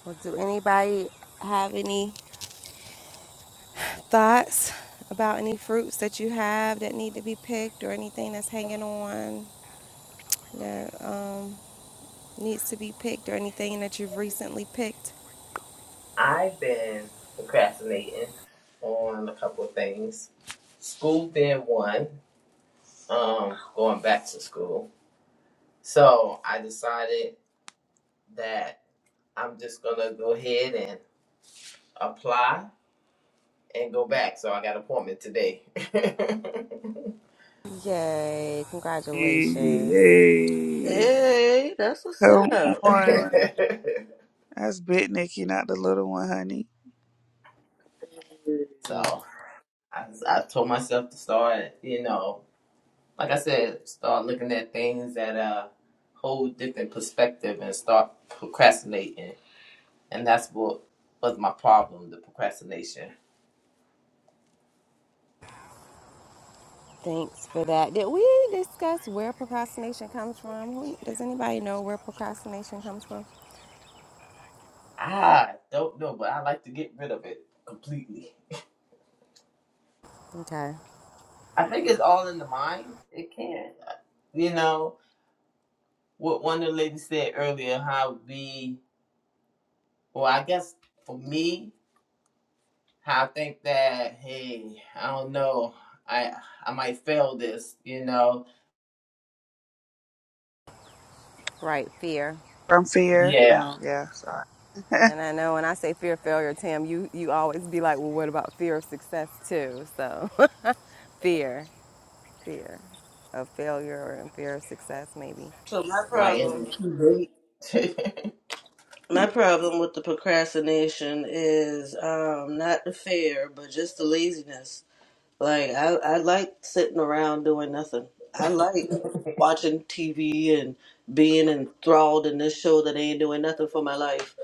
Speaker 1: Well, do anybody have any Thoughts about any fruits that you have that need to be picked or anything that's hanging on that um, needs to be picked or anything that you've recently picked?
Speaker 7: I've been procrastinating on a couple of things. School being one, um, going back to school. So I decided that I'm just gonna go ahead and apply and go back. So I got an appointment today.
Speaker 1: Yay,
Speaker 4: Hey,
Speaker 1: congratulations.
Speaker 4: hey,
Speaker 5: Hey, that's what's
Speaker 4: come
Speaker 5: up.
Speaker 4: on. That's Big Nikki, not the little one, honey.
Speaker 7: so I, I told myself to start, you know, like I said, start looking at things at a whole different perspective and start procrastinating and that's what was my problem the procrastination
Speaker 1: Thanks for that. Did we discuss where procrastination comes from? Does anybody know where procrastination comes from?
Speaker 7: i don't know but i like to get rid of it completely
Speaker 1: Okay.
Speaker 7: i think it's all in the mind it can you know what one of the ladies said earlier how we well i guess for me how i think that hey i don't know i i might fail this you know
Speaker 1: Right, fear.
Speaker 4: From Fear.
Speaker 7: yeah
Speaker 4: Oh, yeah, sorry.
Speaker 1: And I know when I say fear of failure, Tam, you, you always be like, well, what about fear of success too? So fear. fear of failure or in fear of success, maybe.
Speaker 5: So my
Speaker 7: like is
Speaker 5: problem
Speaker 7: it too late and
Speaker 5: my problem with the procrastination is um not the fear, but just the laziness. Like I, I like sitting around doing nothing. I like watching TV and being enthralled in this show that ain't doing nothing for my life.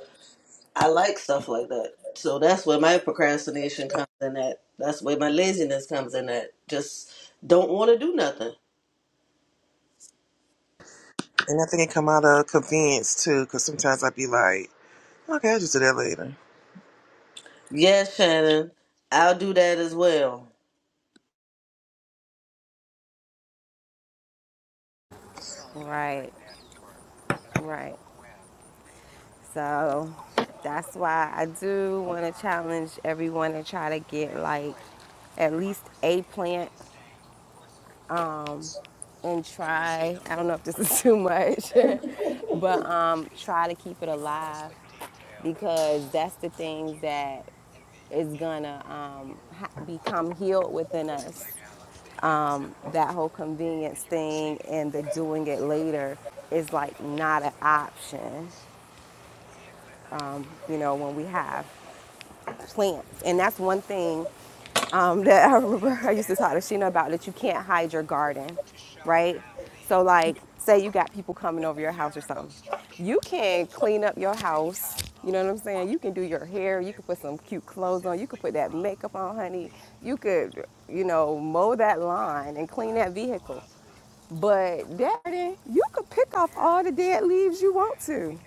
Speaker 5: I like stuff like that. So that's where my procrastination comes in at. That's where my laziness comes in at. Just don't want to do nothing.
Speaker 6: and I think it come out of convenience too, because sometimes I'd be like, okay, I'll just do that later.
Speaker 5: Yes, Shannon, I'll do that as well.
Speaker 1: Right, right. So that's why I do want to challenge everyone to try to get like at least a plant and try. I don't know if this is too much, but um, try to keep it alive because that's the thing that is gonna um, ha- become healed within us. that whole convenience thing and the doing it later is like not an option, you know, when we have plants. And that's one thing um, that I remember I used to talk to Sheena about that you can't hide your garden, right? So, like, say you got people coming over your house or something. You can clean up your house. You know what I'm saying? You can do your hair. You can put some cute clothes on. You can put that makeup on, honey. You could, you know, mow that lawn and clean that vehicle. But Daddy, you could pick off all the dead leaves you want to.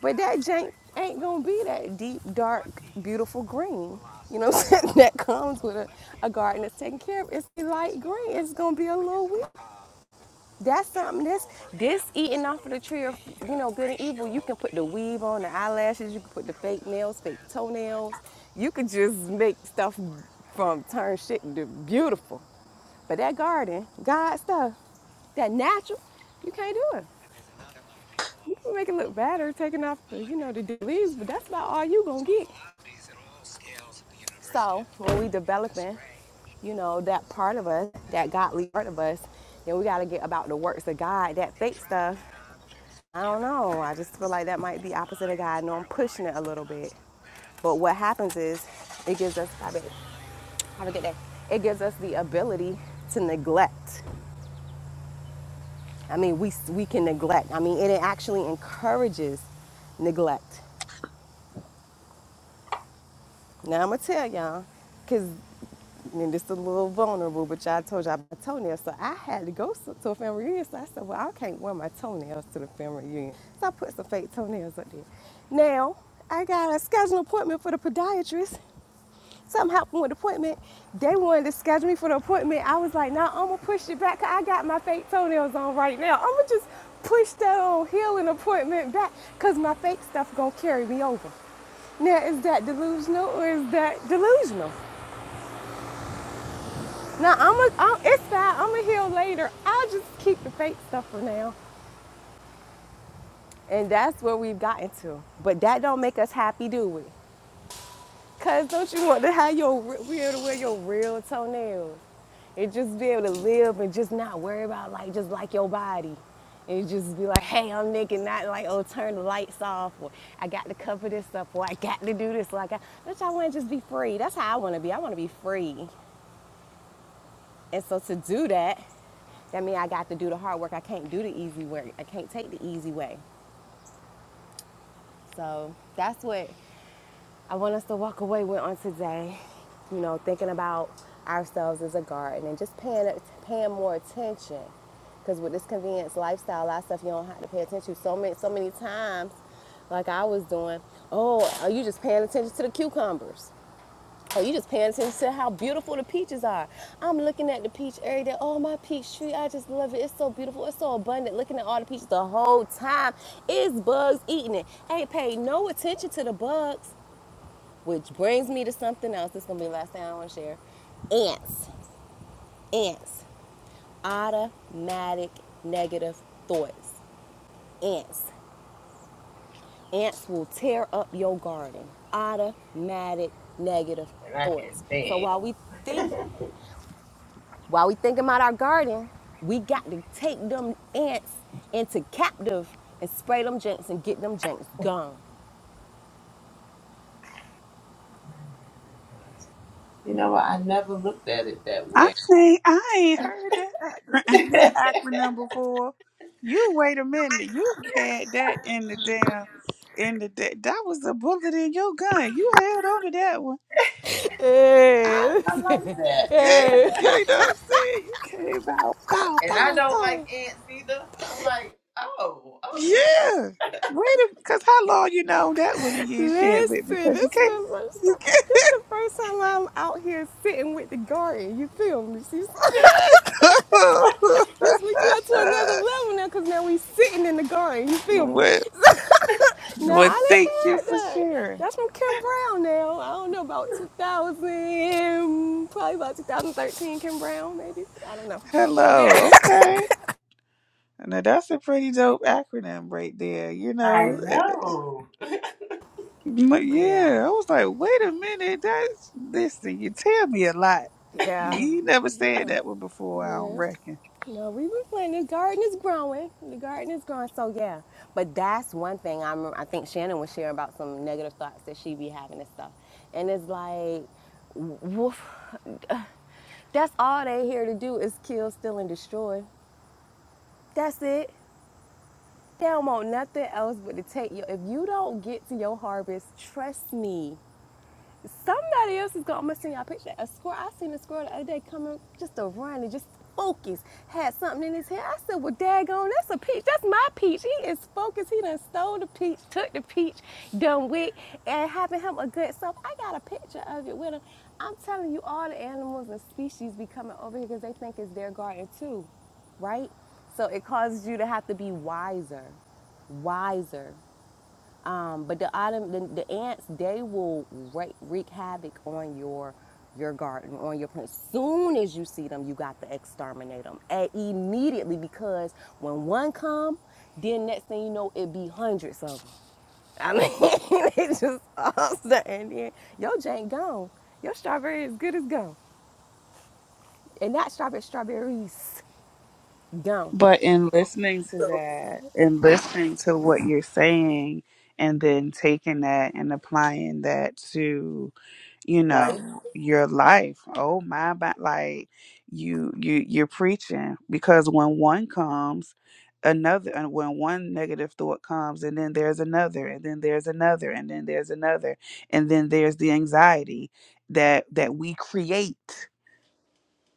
Speaker 1: But that jank ain't gonna be that deep, dark, beautiful green. You know what I'm saying? That comes with a, a garden that's taken care of. It's light green. It's gonna be a little weird. That's something. This this eating off of the tree of you know good and evil. You can put the weave on, the eyelashes. You can put the fake nails, fake toenails. You can just make stuff from turn shit into beautiful. But that garden, God stuff, that natural, you can't do it. You can make it look better, taking off the you know the dead leaves, but that's about all you gonna get. So when we developing, you know that part of us, that godly part of us, then we gotta get about the works of God. That fake stuff I don't know. I just feel like that might be opposite of God. I know I'm pushing it a little bit. But what happens is it gives us, have a have a good day. It gives us the ability to neglect. I mean, we, we can neglect. I mean, it actually encourages neglect. Now I'm gonna tell y'all, cause and it's a little vulnerable, but y'all told y'all about toenails. So I had to go so- to a family reunion. So I said, well, I can't wear my toenails to the family reunion. So I put some fake toenails up there. Now I got a scheduled appointment for the podiatrist. Something happened with the appointment. They wanted to schedule me for the appointment. I was like, no, nah, I'm gonna push it back. I got my fake toenails on right now. I'm gonna just push that old healing appointment back because my fake stuff gonna carry me over. Now, is that delusional or is that delusional? Now, I'm a, I'm, it's fine. I'm gonna heal later. I'll just keep the fake stuff for now. And that's where we've gotten to. But that don't make us happy, do we? Cause don't you want to have your be able to wear your real toenails and just be able to live and just not worry about like just like your body and just be like, hey, I'm naked, not like oh turn the lights off or I got to cover this up or I got to do this like I, got, don't y'all want to just be free? That's how I want to be. I want to be free, and so to do that, that means I got to do the hard work. I can't do the easy work. I can't take the easy way. So that's what I want us to walk away with on today, you know, thinking about ourselves as a garden and just paying paying more attention. Because with this convenience lifestyle, a lot of stuff you don't have to pay attention to. So many so many times, like I was doing, oh, are you just paying attention to the cucumbers? Oh, you just paying attention to how beautiful the peaches are. I'm looking at the peach every day. Oh, my peach tree, I just love it. It's so beautiful. It's so abundant. Looking at all the peaches the whole time. It's bugs eating it. Ain't paid no attention to the bugs. Which brings me to something else. This is gonna be the last thing I want to share. Ants, ants, automatic negative thoughts. Ants, ants will tear up your garden. Automatic negative
Speaker 7: i can't
Speaker 1: thoughts. So
Speaker 7: stand
Speaker 1: while we think, while we think about our garden, we got to take them ants into captive and spray them jinx and get them jinx gone.
Speaker 7: you know i never looked at it that
Speaker 4: I
Speaker 7: way
Speaker 4: think I ain't heard that acron-
Speaker 7: i
Speaker 4: that acronym before. You wait a minute. You had that in the damn in the da- that was the bullet in your gun. You held on to that one. I,
Speaker 7: like that
Speaker 4: yeah, you know what I'm saying? You came out pow
Speaker 7: And I
Speaker 4: pow
Speaker 7: don't
Speaker 4: pow.
Speaker 7: like ants either. I'm like, oh, okay.
Speaker 4: Yeah. Wait because how long you known that one that you ain't shared with me?
Speaker 1: Listen,
Speaker 4: Because you
Speaker 1: this is
Speaker 4: can't
Speaker 1: the first time,
Speaker 4: you
Speaker 1: this the first time I'm out here sitting with the garden. You feel me? See,
Speaker 4: can't
Speaker 1: this we going to another level now because now we sitting in the garden. You feel me?
Speaker 4: Well
Speaker 1: Now
Speaker 4: Well
Speaker 1: I
Speaker 4: thank
Speaker 1: done
Speaker 4: you
Speaker 1: had
Speaker 4: for
Speaker 1: that.
Speaker 4: sharing.
Speaker 1: That's from Kim Brown now. I don't know about 2000, probably about 2013. Kim Brown maybe. I don't know.
Speaker 4: Hello,
Speaker 1: Yeah.
Speaker 4: okay. Now that's a pretty dope acronym right there, you
Speaker 7: I
Speaker 4: know. Eh,
Speaker 7: know.
Speaker 4: eh, But
Speaker 1: Yeah.
Speaker 4: yeah, I was like, wait a minute, that's listen, you tell me a lot.
Speaker 1: Yeah.
Speaker 4: You never said
Speaker 1: Yeah.
Speaker 4: that one before, I don't
Speaker 1: Yeah.
Speaker 4: reckon.
Speaker 1: No, we were planting. The garden is growing. The garden is growing. So yeah, but that's one thing. I remember, I think Shannon was sharing about some negative thoughts that she be having and stuff. And it's like, woof, that's all they here to do is kill, steal, and destroy. That's it. They don't want nothing else but to take your. If you don't get to your harvest, trust me. Somebody else is gonna. I'm gonna send y'all a picture. A squirrel. I seen a squirrel the other day coming just a running, just focused. Had something in his hand. I said, "Well, daggone, that's a peach. That's my peach. He is focused. He done stole the peach, took the peach, done with, and having him a good self. I got a picture of it with him. I'm telling you, all the animals and species be coming over here because they think it's their garden too, right? So it causes you to have to be wiser, wiser. Um, but the autumn, the, the ants, they will wreak, wreak havoc on your your garden, on your plants. Soon as you see them, you got to exterminate them and immediately because when one come, then next thing you know, it be hundreds of them. I mean, it's just awesome. And then your jank gone. Your strawberry is good as gone. And that strawberry, strawberries gone.
Speaker 4: But in listening to
Speaker 5: So,
Speaker 4: that and listening to what you're saying and then taking that and applying that to, you
Speaker 5: Like
Speaker 4: know, your life. Oh my but like you you you're preaching because when one comes another and when one negative thought comes and then there's another and then there's another and then there's another and then there's the anxiety that that we create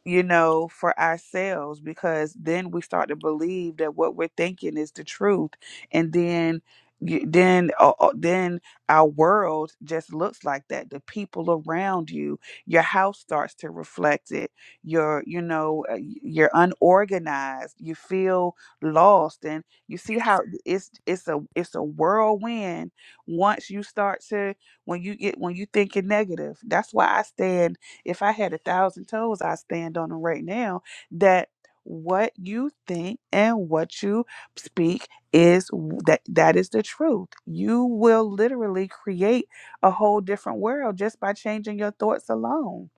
Speaker 4: you know, for ourselves because then we start to believe that what we're thinking is the truth, and then y- then uh, uh, then our world just looks like that the people around you your house starts to reflect it you're you know uh, y- you're unorganized you feel lost and you see how it's it's a it's a whirlwind once you start to when you get when you thinking negative that's why i stand if I had a thousand toes, I stand on them right now. That what you think and what you speak is w- that that is the truth. You will literally create a whole different world just by changing your thoughts alone.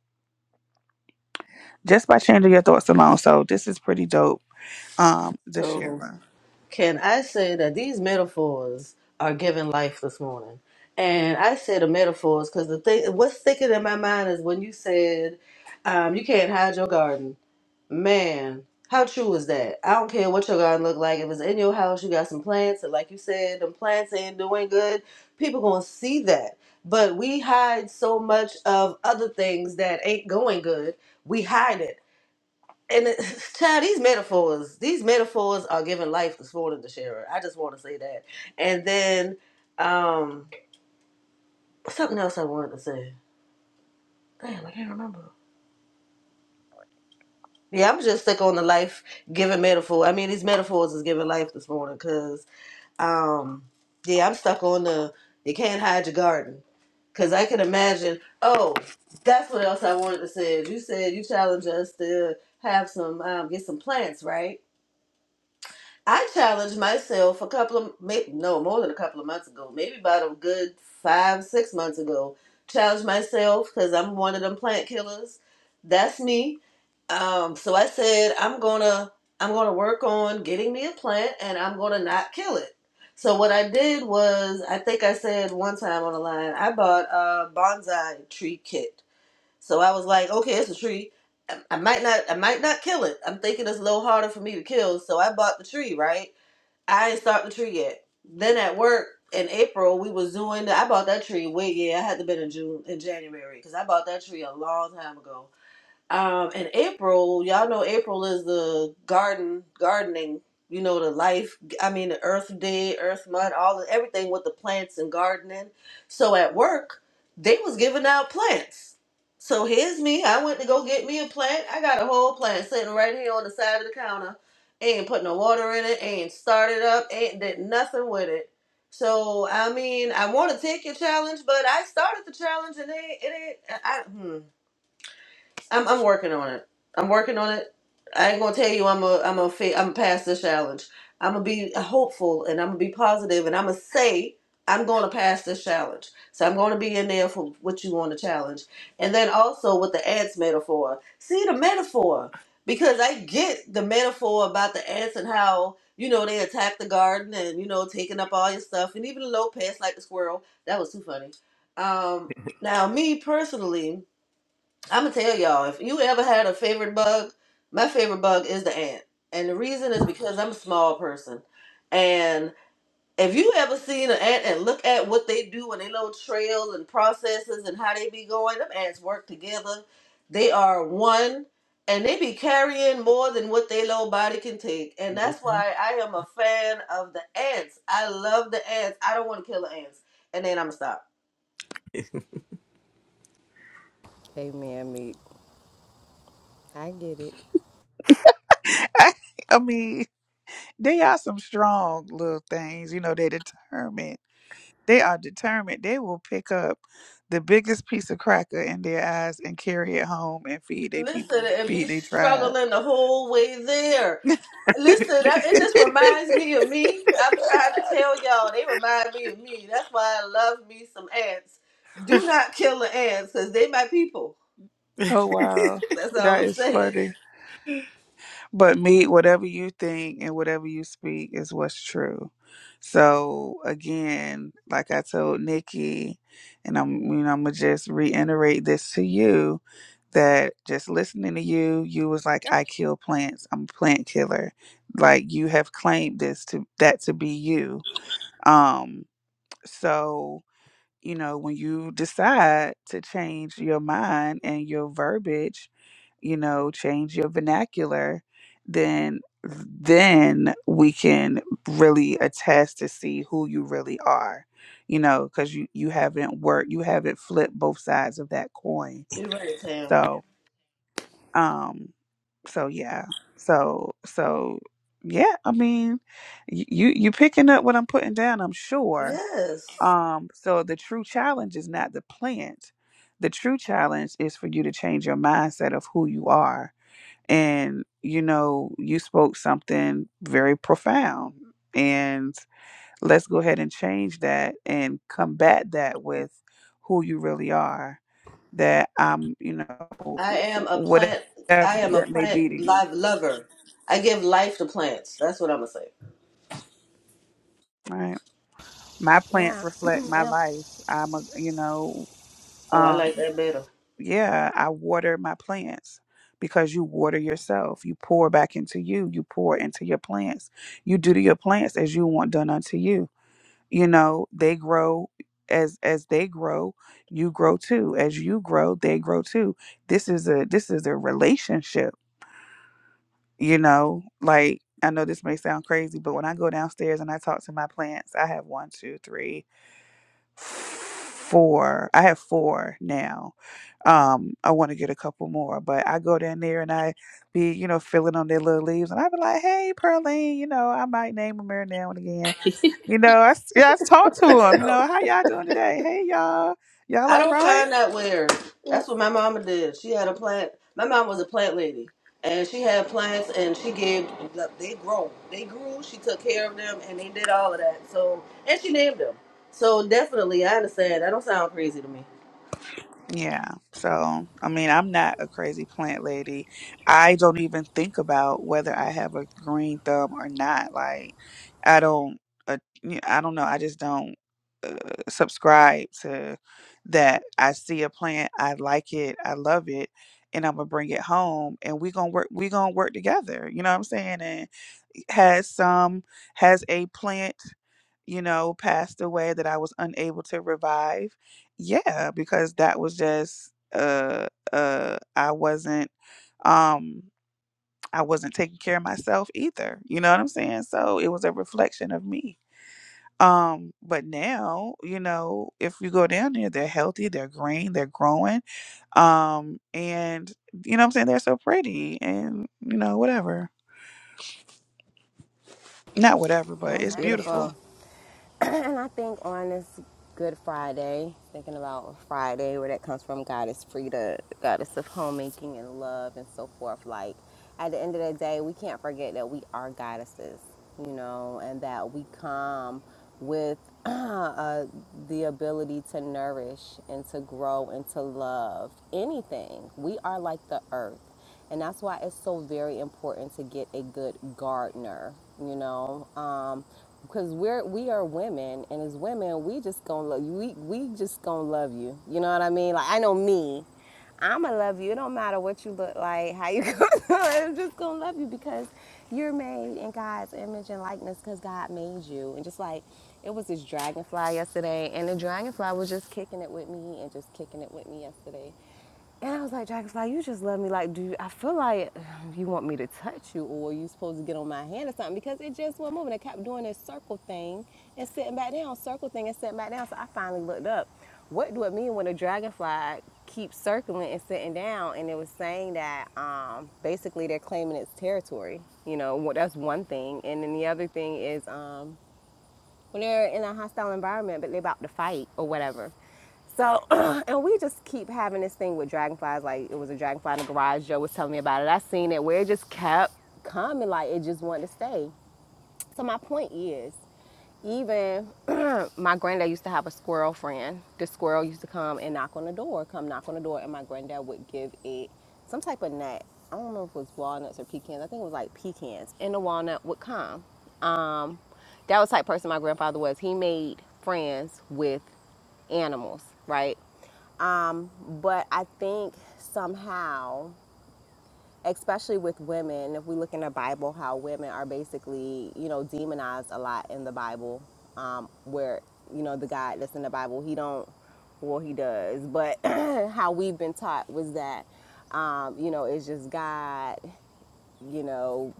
Speaker 4: Just by changing your thoughts alone. So this is pretty dope. Um,
Speaker 5: so.
Speaker 4: Deshira.
Speaker 5: Can I say that these metaphors are giving life this morning? And I say the metaphors because the thing, what's sticking in my mind is when you said, um, "You can't hide your garden." Man, how true is that? I don't care what your garden look like. If it's in your house, you got some plants, and like you said, them plants ain't doing good. People gonna see that. But we hide so much of other things that ain't going good. We hide it and it, child, these metaphors, these metaphors are giving life this morning to Shara. I just want to say that. And then um something else I wanted to say. Damn, I can't remember. Yeah, I'm just stuck on the life giving metaphor. I mean, these metaphors is giving life this morning because um yeah, I'm stuck on the you can't hide your garden. Cause I can imagine. Oh, that's what else I wanted to say. You said you challenge us to have some um, get some plants, right? I challenged myself a couple of maybe, no more than a couple of months ago, maybe about a good five six months ago. Challenged myself because I'm one of them plant killers. That's me. Um, so I said I'm gonna I'm gonna work on getting me a plant and I'm gonna not kill it. So what I did was I think I said one time on the line I bought a bonsai tree kit so I was like, okay, it's a tree. I, I might not, I might not kill it. I'm thinking it's a little harder for me to kill. So I bought the tree, right? I ain't start the tree yet. Then at work in April, we was doing. The, I bought that tree way. Yeah, I had to been in June, in January, because I bought that tree a long time ago. Um, and April, y'all know April is the garden, gardening. You know the life. I mean the Earth Day, Earth Mud, all everything with the plants and gardening. So at work, they was giving out plants. So here's me. I went to go get me a plant. I got a whole plant sitting right here on the side of the counter. Ain't put no water in it. Ain't started up. Ain't did nothing with it. So I mean, I want to take your challenge, but I started the challenge and it, it ain't. I- hmm. I'm I'm working on it. I'm working on it. I ain't gonna tell you I'm a I'm a fa- I'm past the challenge. I'm gonna be hopeful and I'm gonna be positive and I'm gonna say I'm going to pass this challenge. So I'm going to be in there for what you want to challenge. And then also with the ants metaphor. See the metaphor because I get the metaphor about the ants and how you know they attack the garden and you know taking up all your stuff and even Lopez like the squirrel. That was too funny. Um, now me personally. I'm gonna tell y'all if you ever had a favorite bug, my favorite bug is the ant, and the reason is because I'm a small person, and if you ever seen an ant and look at what they do and they little trails and processes and how they be going, them ants work together. They are one, and they be carrying more than what their little body can take, and that's why I am a fan of the ants. I love the ants. I don't want to kill the ants, and then I'm gonna stop.
Speaker 1: Amen, meat. I get it.
Speaker 4: I mean, they are some strong little things. You know, they're determined. They are determined. They will pick up the biggest piece of cracker in their eyes and carry it home and feed their
Speaker 5: Listen
Speaker 4: people,
Speaker 5: and be
Speaker 4: feed their tribe.
Speaker 5: struggling the whole way there Listen, that, it just reminds me of me. I'm trying to tell y'all, they remind me of me. That's why I love me some ants. Do not kill the ants, cause they my people.
Speaker 4: Oh wow,
Speaker 5: That's all
Speaker 4: that
Speaker 5: I'm
Speaker 4: is
Speaker 5: saying.
Speaker 4: funny. But me, whatever you think and whatever you speak is what's true. So again, like I told Nikki, and I'm you know I'm gonna just reiterate this to you that just listening to you, you was like, I kill plants. I'm a plant killer. Like you have claimed this to that to be you. Um, so you know, when you decide to change your mind and your verbiage, you know, change your vernacular, then then we can really attest to see who you really are, you know, because you you haven't worked, you haven't flipped both sides of that coin.
Speaker 5: You're right, Tam.
Speaker 4: So, um, so yeah, so so yeah, I mean, y- you you picking up what I'm putting down, I'm sure
Speaker 5: Yes,
Speaker 4: um, so the true challenge is not the plant. The true challenge is for you to change your mindset of who you are. And, you know, you spoke something very profound. And let's go ahead and change that and combat that with who you really are. That I'm, you know,
Speaker 5: I am a
Speaker 4: whatever
Speaker 5: plant. I am a
Speaker 4: that may be to
Speaker 5: plant
Speaker 4: you.
Speaker 5: live lover. I give life to plants. That's what I'm gonna say.
Speaker 4: Right. My plants
Speaker 1: Yeah.
Speaker 4: reflect my
Speaker 1: yeah.
Speaker 4: life. I'm a, you know,
Speaker 5: Oh, I like
Speaker 4: um
Speaker 5: that better.
Speaker 4: yeah, I water my plants because you water yourself. You pour back into you. You pour into your plants. You do to your plants as you want done unto you. You know, they grow as as they grow, you grow too. As you grow, they grow too. This is a this is a relationship, you know? Like I know this may sound crazy, but when I go downstairs and I talk to my plants, I have one, two, three four. I have four now. Um, I want to get a couple more, but I go down there and I be, you know, filling on their little leaves, and I be like, "Hey, Pearline, you know, I might name them every now and again." You know, I s- yeah, I talk to them. You know, how y'all doing today? Hey, y'all, y'all
Speaker 5: I
Speaker 4: all
Speaker 5: don't
Speaker 4: right?
Speaker 5: find that weird. That's what my mama did. She had a plant. My mom was a plant lady, and she had plants, and she gave. They grow. They grew. She took care of them, and they did all of that. So, and she named them. So definitely, I understand. That don't sound crazy to me.
Speaker 4: Yeah. So, I mean, I'm not a crazy plant lady. I don't even think about whether I have a green thumb or not. Like, I don't, uh, y- I don't know. I just don't subscribe to that. I see a plant, I like it, I love it, and I'm gonna bring it home, and we gonna work. We gonna work together. You know what I'm saying? And has some has a plant you know, passed away that I was unable to revive. Yeah, because that was just uh uh I wasn't um I wasn't taking care of myself either. You know what I'm saying? So it was a reflection of me. Um but now, you know, if you go down there, they're healthy, they're green, they're growing. Um and you know what I'm saying? They're so pretty and you know, whatever. Not whatever, but
Speaker 1: That's
Speaker 4: it's beautiful.
Speaker 1: beautiful. and I think on this Good Friday, thinking about Friday, where that comes from, God is free to goddess of homemaking and love and so forth. Like at the end of the day, we can't forget that we are goddesses, you know, and that we come with uh, the ability to nourish and to grow and to love anything. We are like the earth. And that's why it's so very important to get a good gardener, you know, um, because we're we are women, and as women, we just gonna love you. We we just gonna love you. You know what I mean? Like I know me, I'ma love you. It don't matter what you look like, how you come. I'm just gonna love you because you're made in God's image and likeness because God made you. And just like it was this dragonfly yesterday, and the dragonfly was just kicking it with me and just kicking it with me yesterday. And I was like, Dragonfly, you just love me. Like, do you, I feel like um, you want me to touch you or you supposed to get on my hand or something? Because it just wasn't moving. It kept doing this circle thing and sitting back down, circle thing and sitting back down. So I finally looked up. What do it mean when a dragonfly keeps circling and sitting down? And it was saying that um, basically they're claiming its territory. You know, that's one thing. And then the other thing is, um, when they're in a hostile environment, but they're about to fight or whatever. So, and we just keep having this thing with dragonflies. Like it was a dragonfly in the garage. Joe was telling me about it. I seen it where it just kept coming, like it just wanted to stay. So my point is, even my granddad used to have a squirrel friend. The squirrel used to come and knock on the door, come knock on the door, and my granddad would give it some type of nut. I don't know if it was walnuts or pecans. I think it was like pecans, and the walnut would come. Um, that was the type of person my grandfather was. He made friends with animals, right? Um, but I think somehow especially with women, if we look in the Bible, how women are basically, you know, demonized a lot in the Bible, um, where, you know, the God that's in the Bible, he don't, well, he does, but how we've been taught was that, um, you know, it's just God, you know,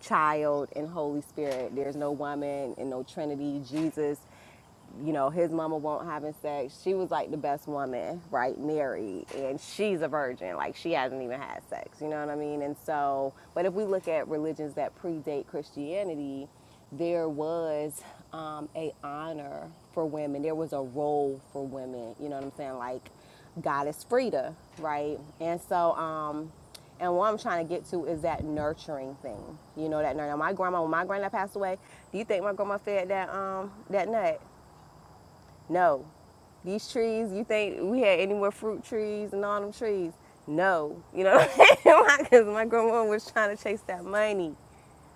Speaker 1: child and Holy Spirit. There's no woman and no Trinity. Jesus you know, his mama won't having sex. She was like the best woman, right? Married, and she's a virgin. Like she hasn't even had sex. You know what I mean? And so, but if we look at religions that predate Christianity, there was um, a honor for women. There was a role for women. You know what I'm saying? Like goddess Frida, right? And so, um, and what I'm trying to get to is that nurturing thing. You know that nurturing. My grandma, when my grandma passed away, do you think my grandma fed that um that nut? No. These trees, you think we had any more fruit trees and all them trees? No. You know what I'm saying? Because my grandma was trying to chase that money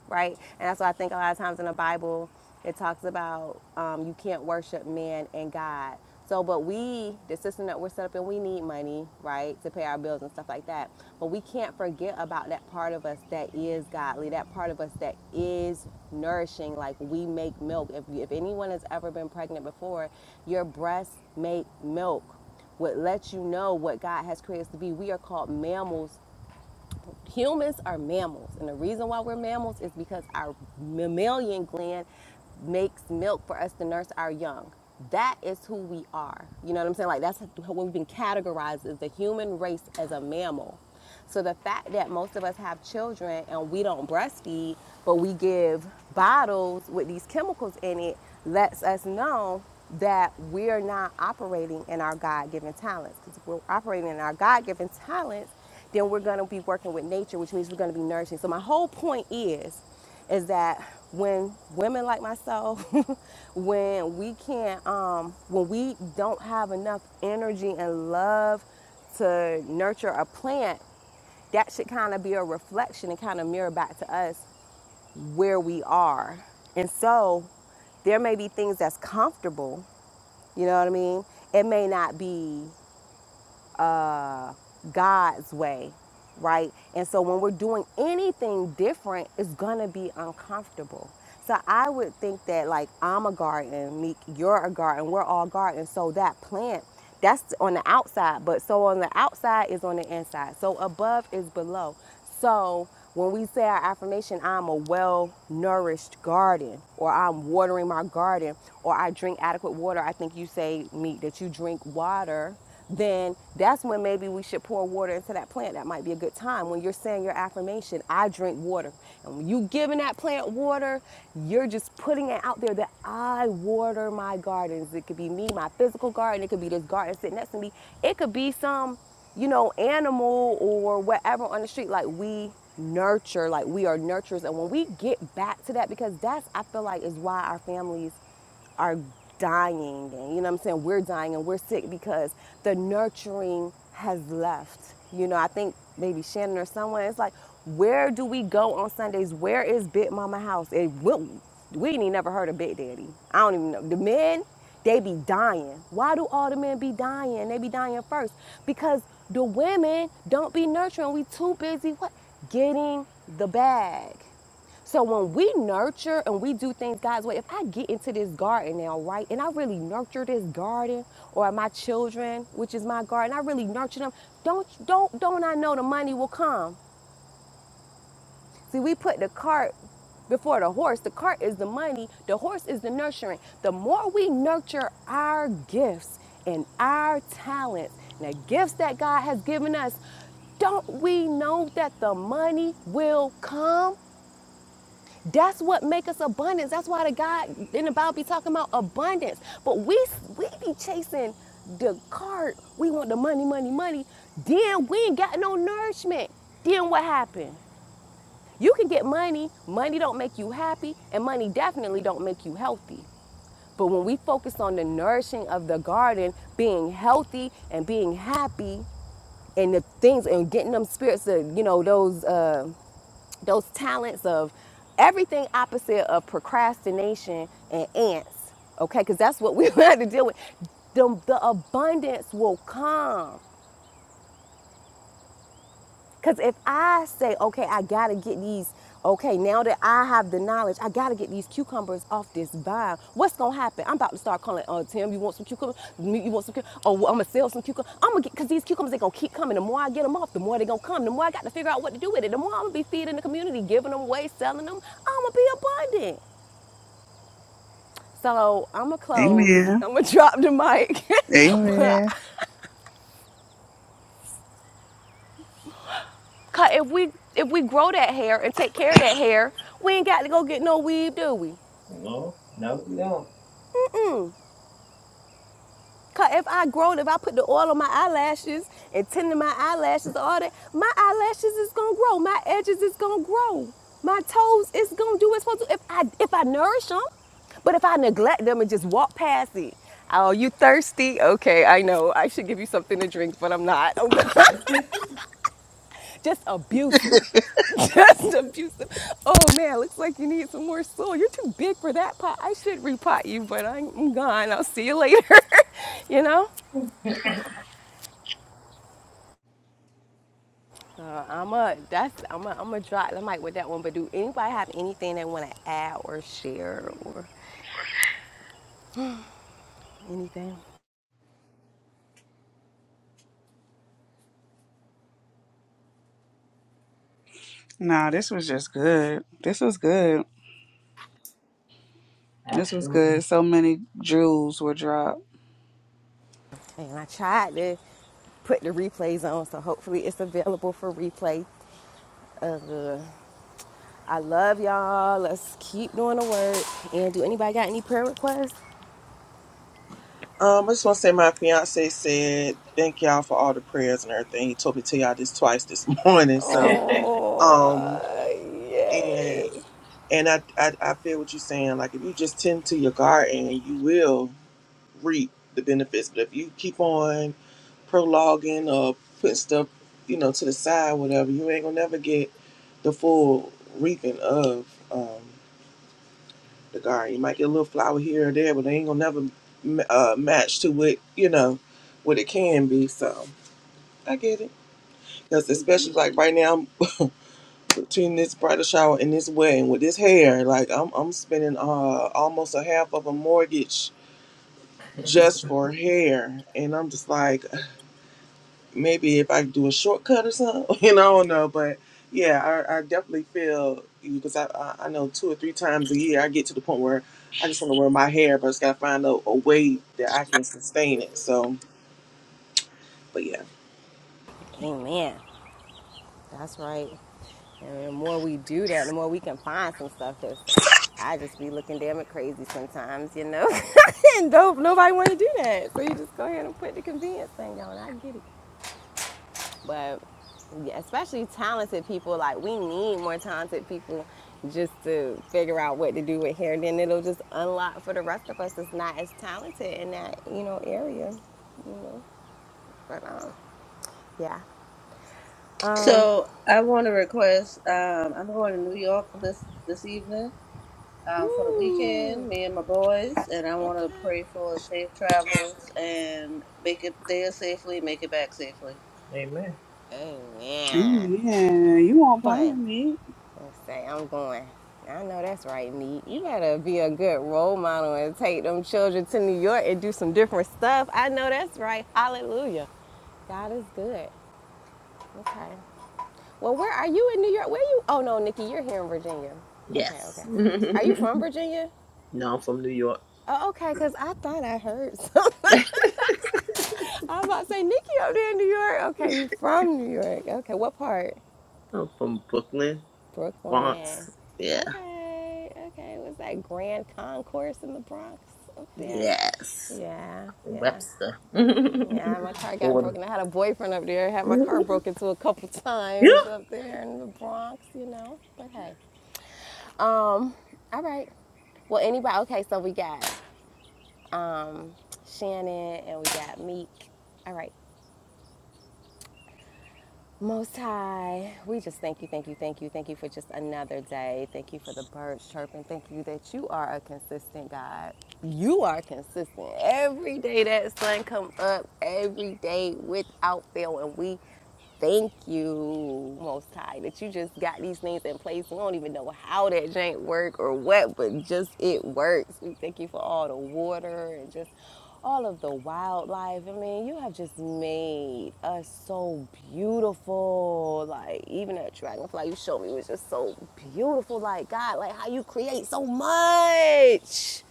Speaker 1: right? And that's why I think a lot of times in the Bible, it talks about um, you can't worship man and God. So, but we, the system that we're set up in, we need money, right, to pay our bills and stuff like that. But we can't forget about that part of us that is godly, that part of us that is nourishing. Like we make milk. If, if anyone has ever been pregnant before, your breasts make milk, what lets you know what God has created us to be. We are called mammals humans are mammals and the reason why we're mammals is because our mammalian gland makes milk for us to nurse our young that is who we are you know what i'm saying like that's what we've been categorized as the human race as a mammal so the fact that most of us have children and we don't breastfeed but we give bottles with these chemicals in it lets us know that we're not operating in our god-given talents because if we're operating in our god-given talents then we're going to be working with nature, which means we're going to be nourishing. So my whole point is, is that when women like myself, when we can't, um, when we don't have enough energy and love to nurture a plant, that should kind of be a reflection and kind of mirror back to us where we are. And so there may be things that's comfortable, you know what I mean? It may not be uh, God's way, right? And so when we're doing anything different, it's gonna be uncomfortable. So I would think that like I'm a garden, Meek, you're a garden, we're all garden. So that plant, that's on the outside, but so on the outside is on the inside. So above is below. So when we say our affirmation, I'm a well nourished garden, or I'm watering my garden, or I drink adequate water, I think you say, Meek, that you drink water then that's when maybe we should pour water into that plant. That might be a good time when you're saying your affirmation, I drink water. And when you giving that plant water, you're just putting it out there that I water my gardens. It could be me, my physical garden, it could be this garden sitting next to me. It could be some, you know, animal or whatever on the street. Like we nurture, like we are nurturers. And when we get back to that, because that's I feel like is why our families are dying and you know what I'm saying we're dying and we're sick because the nurturing has left. You know, I think maybe Shannon or someone it's like where do we go on Sundays? Where is Big Mama house? It will we ain't even never heard of Big Daddy. I don't even know. The men, they be dying. Why do all the men be dying? They be dying first. Because the women don't be nurturing. We too busy what? Getting the bag. So when we nurture and we do things God's way, if I get into this garden now, right, and I really nurture this garden or my children, which is my garden, I really nurture them, don't don't don't I know the money will come. See, we put the cart before the horse. The cart is the money, the horse is the nurturing. The more we nurture our gifts and our talents and the gifts that God has given us, don't we know that the money will come? That's what make us abundance. That's why the God in the Bible be talking about abundance. But we we be chasing the cart. We want the money, money, money. Then we ain't got no nourishment. Then what happened? You can get money. Money don't make you happy, and money definitely don't make you healthy. But when we focus on the nourishing of the garden, being healthy and being happy, and the things and getting them spirits, of, you know, those. Uh, those talents of everything opposite of procrastination and ants, okay? Because that's what we had to deal with. The, the abundance will come. Because if I say, okay, I gotta get these, okay, now that I have the knowledge, I gotta get these cucumbers off this vine. What's gonna happen? I'm about to start calling, oh, Tim, you want some cucumbers? You want some cucumbers? Oh, I'm gonna sell some cucumbers. I'm gonna get, because these cucumbers, they gonna keep coming. The more I get them off, the more they gonna come. The more I got to figure out what to do with it, the more I'm gonna be feeding the community, giving them away, selling them. I'm gonna be abundant. So I'm gonna close.
Speaker 4: Amen.
Speaker 1: I'm gonna drop the mic. but
Speaker 4: Amen.
Speaker 1: if we if we grow that hair and take care of that hair, we ain't got to go get no weave, do we? Cause if I grown, if I put the oil on my eyelashes and tend to my eyelashes, all that, my eyelashes is gonna grow. My edges is gonna grow. My toes is gonna do what's supposed to. If I if I nourish them, but if I neglect them and just walk past it, oh, you thirsty? Okay, I know. I should give you something to drink, but I'm not. just abusive. Just abusive. Oh man, looks like you need some more soil. You're too big for that pot. I should repot you, but I'm gone. I'll see you later. you know? Uh, I'm a that's I'm a I'm a drop the mic with that one. But do anybody have anything they want to add or share or anything?
Speaker 4: Nah, this was just good. This was good. This was
Speaker 7: Absolutely.
Speaker 4: good. So many jewels were dropped.
Speaker 1: And I tried to put the replays on, so hopefully it's available for replay. Uh, I love y'all. Let's keep doing the work. And do anybody got any prayer requests?
Speaker 6: Um, I just want to say my fiance said thank y'all for all the prayers and everything. He told me to tell y'all this twice this morning. So,
Speaker 1: Oh,
Speaker 6: um, and
Speaker 1: yay!
Speaker 6: and I I, I feel what you're saying. Like if you just tend to your garden, you will reap the benefits. But if you keep on prologuing or putting stuff, you know, to the side, whatever, you ain't gonna never get the full reaping of. Um, the garden. You might get a little flower here or there, but they ain't gonna never uh, match to what you know what it can be. So I get it. Because especially like right now between this bridal shower and this wedding with this hair, like I'm I'm spending uh almost a half of a mortgage just for hair, and I'm just like maybe if I could do a shortcut or something, you know, I don't know. But yeah, I, I definitely feel you because I, I I know two or three times a year I get to the point where I just want to wear my hair, but I just got to find a, a way that I can sustain it. So, but yeah,
Speaker 1: Amen. That's right. And the more we do that, the more we can find some stuff that's. I just be looking damn it crazy sometimes, you know. and dope, nobody want to do that, so you just go ahead and put the convenience thing on. I get it, but yeah, especially talented people, like we need more talented people just to figure out what to do with hair. And Then it'll just unlock for the rest of us that's not as talented in that you know area. But um, yeah. Um.
Speaker 5: So I want to request. Um, I'm going to New York this this evening. Um, for the
Speaker 1: Ooh,
Speaker 5: weekend, me and my boys, and I want
Speaker 1: okay.
Speaker 5: to pray for safe travels and make it there safely, make it back safely.
Speaker 1: Amen.
Speaker 4: Amen. You won't
Speaker 1: fun
Speaker 4: plan me.
Speaker 1: and say, I'm going. I know that's right, Meek. You better be a good role model and take them children to New York and do some different stuff. I know that's right. Hallelujah. God is good. Okay. Well, where are you in New York? Where are you? Oh, no, Nikki, you're here in Virginia. Okay, okay.
Speaker 7: yes.
Speaker 1: Are you
Speaker 7: no,
Speaker 1: from Virginia?
Speaker 7: I'm from New York.
Speaker 1: Oh, okay, because I thought I heard something. I was about to say, Nikki up there in New York. Okay, you from New York. Okay, what part?
Speaker 7: I'm from Brooklyn,
Speaker 1: Brooklyn.
Speaker 7: Bronx. Yeah.
Speaker 1: Okay, okay. It Was that Grand Concourse in the Bronx up there?
Speaker 7: Yes.
Speaker 1: Yeah, yeah,
Speaker 7: Webster.
Speaker 1: yeah. My car got
Speaker 7: Order.
Speaker 1: broken. I had a boyfriend up there. I Had my car broken to a couple times up there in the Bronx, you know. But hey, um, all right. Well, anybody? Okay, so we got um Shannon and we got Meek. All right. Most High, we just thank you, thank you, thank you, thank you for just another day. Thank you for the birds chirping. Thank you that you are a consistent God. You are consistent. Every day that sun come up, every day without fail, and we Thank you, Most High, that you just got these things in place. We don't even know how that jank work or what, but just it works. We thank you for all the water and just all of the wildlife. I mean, you have just made us so beautiful. Like even that dragonfly you showed me was just so beautiful. Like God, like how you create so much.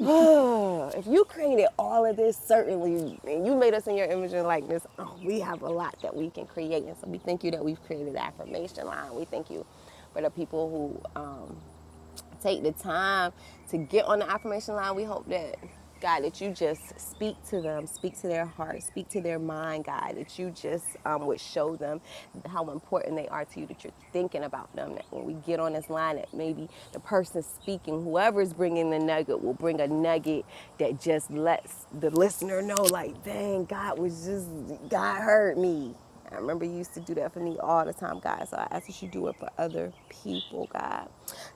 Speaker 1: if you created all of this, certainly, and you made us in your image and likeness, oh, we have a lot that we can create. And so we thank you that we've created the affirmation line. We thank you for the people who um, Take the time to get on the affirmation line. We hope that, God, that you just speak to them, speak to their heart, speak to their mind, God, that you just um, would show them how important they are to you, that you're thinking about them, that when we get on this line, that maybe the person speaking, whoever's bringing the nugget, will bring a nugget that just lets the listener know, like, dang, God was just, God heard me. I remember you used to do that for me all the time, God. So I ask that you do it for other people, God.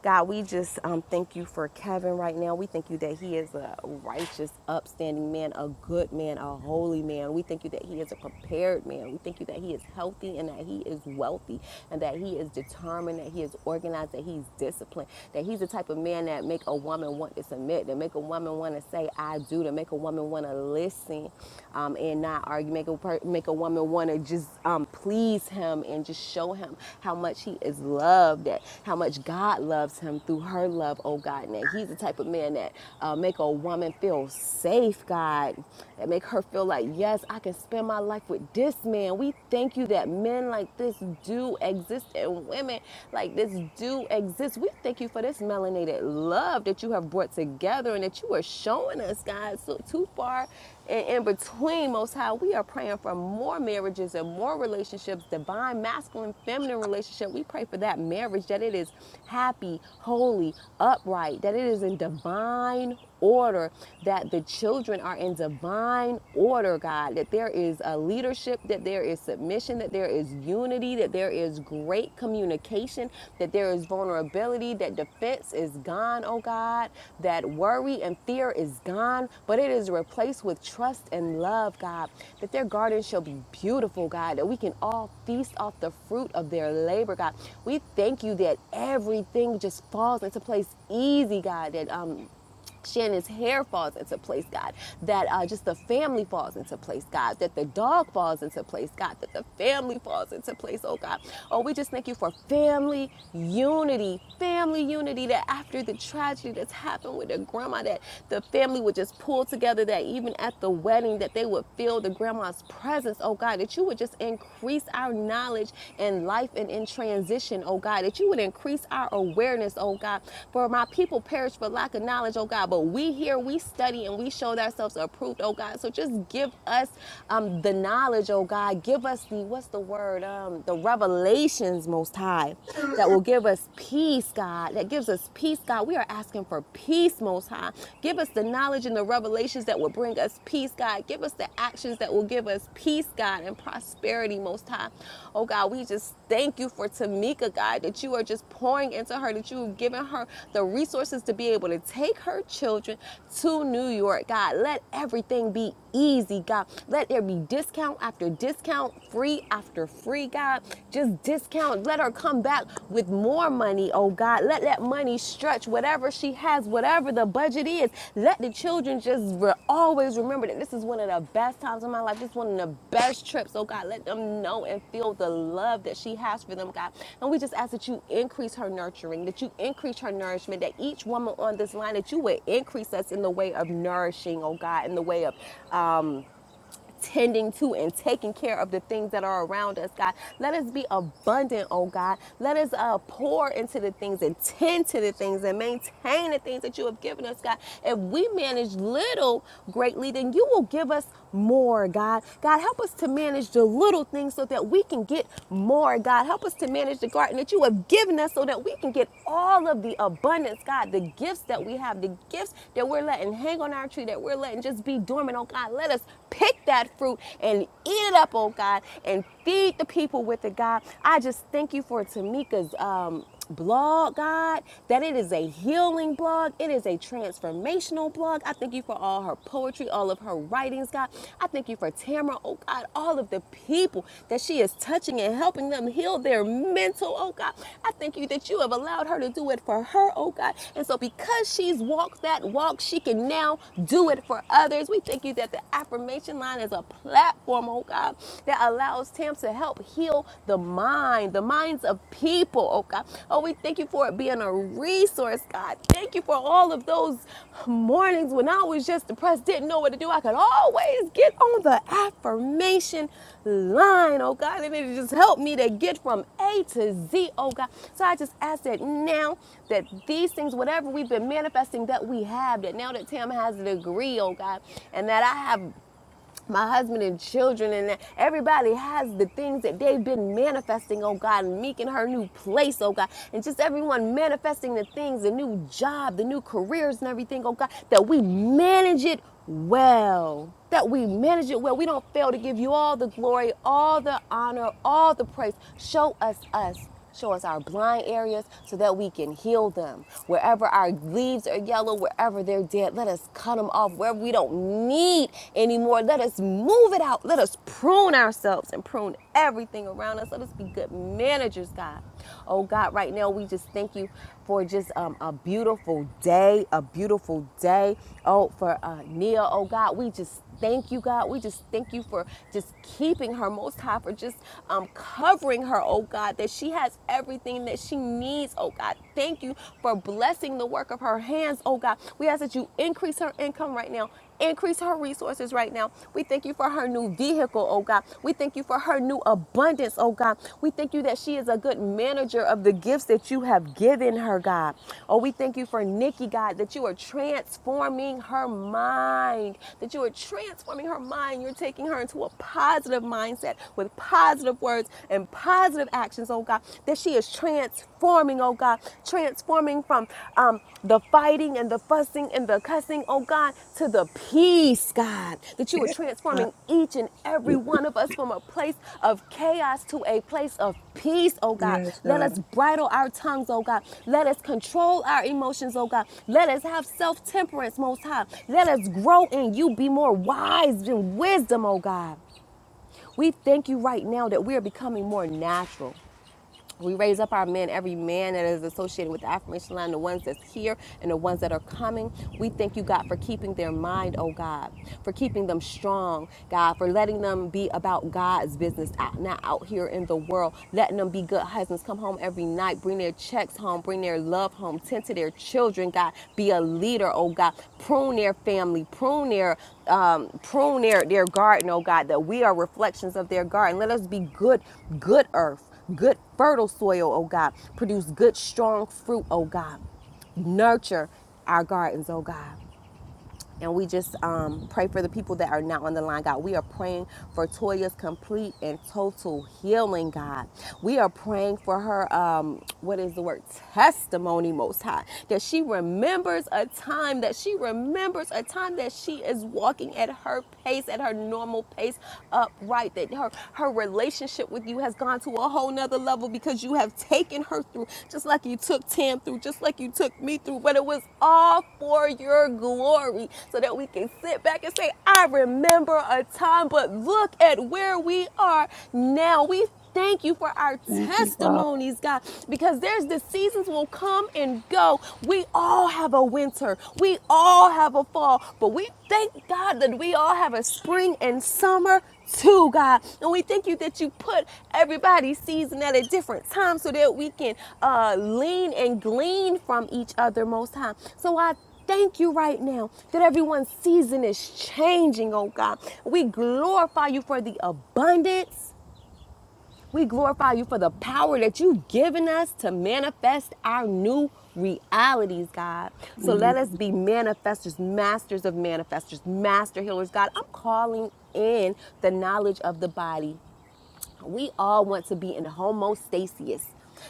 Speaker 1: God, we just um, thank you for Kevin right now. We thank you that he is a righteous, upstanding man, a good man, a holy man. We thank you that he is a prepared man. We thank you that he is healthy and that he is wealthy and that he is determined, that he is organized, that he's disciplined, that he's the type of man that make a woman want to submit, that make a woman want to say, I do, to make a woman want to listen, um, um, and not argue, make a per- make a woman want to just um, please him and just show him how much he is loved, that how much God loves him through her love, oh God. And that he's the type of man that uh, make a woman feel safe, God, that make her feel like yes, I can spend my life with this man. We thank you that men like this do exist and women like this do exist. We thank you for this melanated love that you have brought together and that you are showing us, God. So too far and in between, Most High, we are praying for more marriages and more relationships, divine, masculine, feminine relationship. We pray for that marriage, that it is happy, holy, upright, that it is in divine order, that the children are in divine order, God, that there is a leadership, that there is submission, that there is unity, that there is great communication, that there is vulnerability, that defense is gone, oh God, that worry worry and fear is gone, but it is replaced with trust and love, God. That their garden shall be beautiful, God. That we can all feast off the fruit of their labor, God. We thank you that everything just falls into place easy, God. That um, Shannon's hair falls into place, God. That uh, just the family falls into place, God. That the dog falls into place, God. That the family falls into place, oh God. Oh, we just thank you for family unity, family family unity that after the tragedy that's happened with their grandma, that the family would just pull together, that even at the wedding, that they would feel the grandma's presence, oh God, that you would just increase our knowledge in life and in transition, oh God, that you would increase our awareness, oh God. For my people perish for lack of knowledge, oh God, but we here, we study and we showed ourselves approved, oh God. So just give us um, the knowledge, oh God. Give us the, what's the word? Um, the revelations blessings most high that will give us peace, God, that gives us peace, God. We are asking for peace most high. Give us the knowledge and the revelations that will bring us peace, God. Give us the actions that will give us peace, God, and prosperity most high. Oh, God, we just thank you for Tamika, God, that you are just pouring into her, that you have given her the resources to be able to take her children to New York, God. Let everything be easy, God. Let there be discount after discount, free after free, God. Just discount. Let her come back with more money, oh God. Let that money stretch whatever she has, whatever the budget is. Let the children just re- always remember that this is one of the best times of my life. This is one of the best trips, oh God. Let them know and feel the love that she has for them, God. And we just ask that you increase her nurturing, that you increase her nourishment, that each woman on this line, that you would increase us in the way of nourishing, oh God, in the way of tending to and taking care of the things that are around us, God. Let us be abundant, oh God. Let us uh, pour into the things and tend to the things and maintain the things that you have given us, God. If we manage little greatly, then you will give us more, God. God, help us to manage the little things so that we can get more, God. Help us to manage the garden that you have given us so that we can get all of the abundance, God, the gifts that we have, the gifts that we're letting hang on our tree, that we're letting just be dormant, oh God. Let us pick that fruit and eat it up, oh God, and feed the people with it, God. I just thank you for Tamika's um, blog, God, that it is a healing blog. It is a transformational blog. I thank you for all her poetry, all of her writings, God. I thank you for Tamara, oh God, all of the people that she is touching and helping them heal their mental, oh God. I thank you that you have allowed her to do it for her, oh God. And so because she's walked that walk, she can now do it for others. We thank you that the affirmation Transformation Line is a platform, oh God, that allows Tam to help heal the mind, the minds of people, oh God. Oh, we thank you for it being a resource, God. Thank you for all of those mornings when I was just depressed, didn't know what to do. I could always get on the affirmation line, oh God, and it just helped me to get from A to Z, oh God. So I just ask that now that these things, whatever we've been manifesting that we have, that now that Tam has a degree, oh God, and that I have my husband and children and everybody has the things that they've been manifesting, oh God, and Meek in her new place, oh God, and just everyone manifesting the things, the new job, the new careers and everything, oh God, that we manage it well. That we manage it well. We don't fail to give you all the glory, all the honor, all the praise. Show us us. Show us our blind areas so that we can heal them. Wherever our leaves are yellow, wherever they're dead, let us cut them off. Wherever we don't need anymore, let us move it out. Let us prune ourselves and prune everything around us. Let us be good managers, God. Oh, God, right now we just thank you for just um, a beautiful day, a beautiful day. Oh, for uh, Nia, oh, God, we just thank you, God. We just thank you for just keeping her most high, for just um, covering covering her, oh God, that she has everything that she needs, oh God. Thank you for blessing the work of her hands, oh God. We ask that you increase her income right now. Increase her resources right now. We thank you for her new vehicle, oh God. We thank you for her new abundance, oh God. We thank you that she is a good manager of the gifts that you have given her, God. Oh, we thank you for Nikki, God, that you are transforming her mind, that you are transforming her mind. You're taking her into a positive mindset with positive words and positive actions, oh God, that she is transforming, oh God, transforming from um, the fighting and the fussing and the cussing, oh God, to the peace, God, that you are
Speaker 4: yes, God.
Speaker 1: transforming each and every one of us from a place of chaos to a place of peace, oh God.
Speaker 4: Yes,
Speaker 1: Let
Speaker 4: God.
Speaker 1: us bridle our tongues, oh God. Let us control our emotions, oh God. Let us have self temperance, most high. Let us grow in you, be more wise than wisdom, oh God. We thank you right now that we are becoming more natural. We raise up our men, every man that is associated with the affirmation line, the ones that's here and the ones that are coming. We thank you, God, for keeping their mind, oh God, for keeping them strong, God, for letting them be about God's business, out, not out here in the world, letting them be good husbands, come home every night, bring their checks home, bring their love home, tend to their children, God, be a leader, oh God, prune their family, prune their um, prune their, their garden, oh God, that we are reflections of their garden. Let us be good, good earth good fertile soil, oh God. Produce good strong fruit, oh God. Nurture our gardens, oh God. And we just um, pray for the people that are not on the line, God. We are praying for Toya's complete and total healing, God. We are praying for her, um, what is the word? Testimony, Most High. That she remembers a time, that she remembers a time that she is walking at her pace, at her normal pace, upright. That her, her relationship with you has gone to to a whole nother level because you have taken her through, just like you took Tam through, just like you took me through. But it was all for your glory so that we can sit back and say, I remember a time, but look at where we are now. We thank you for our
Speaker 4: Thank you, Father.
Speaker 1: testimonies, God, because there's the seasons will come and go. We all have a winter, we all have a fall, but we thank God that we all have a spring and summer too, God. And we thank you that you put everybody's season at a different time so that we can uh, lean and glean from each other most high. So I thank you right now that everyone's season is changing, oh God. We glorify you for the abundance we glorify you for the power that you've given us to manifest our new realities, God. So let
Speaker 4: Amen.
Speaker 1: us be manifestors, masters of manifestors, master healers, God. I'm calling in the knowledge of the body we all want to be in homostasis.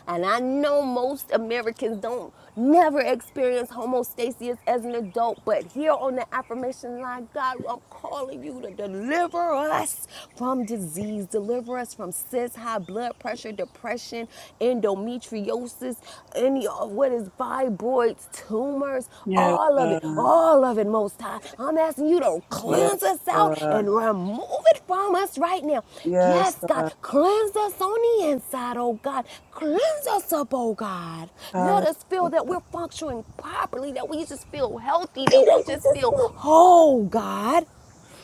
Speaker 1: And I know most Americans don't never experience homostasis as an adult, but here on the affirmation line, God, I'm calling you to deliver us from disease, deliver us from cis high blood pressure, depression, endometriosis, any of what is fibroids, tumors rumors,
Speaker 4: Yes,
Speaker 1: all of it,
Speaker 4: God.
Speaker 1: all of it, Most High. I'm asking you to
Speaker 4: Yes,
Speaker 1: cleanse us out
Speaker 4: God.
Speaker 1: and remove it from us right now.
Speaker 4: Yes,
Speaker 1: Yes,
Speaker 4: God.
Speaker 1: God, cleanse us on the inside, oh God. Cleanse us up, oh God. Let us feel
Speaker 4: Hallelujah.
Speaker 1: that we're functioning properly, that we just feel healthy, that we just feel whole, God.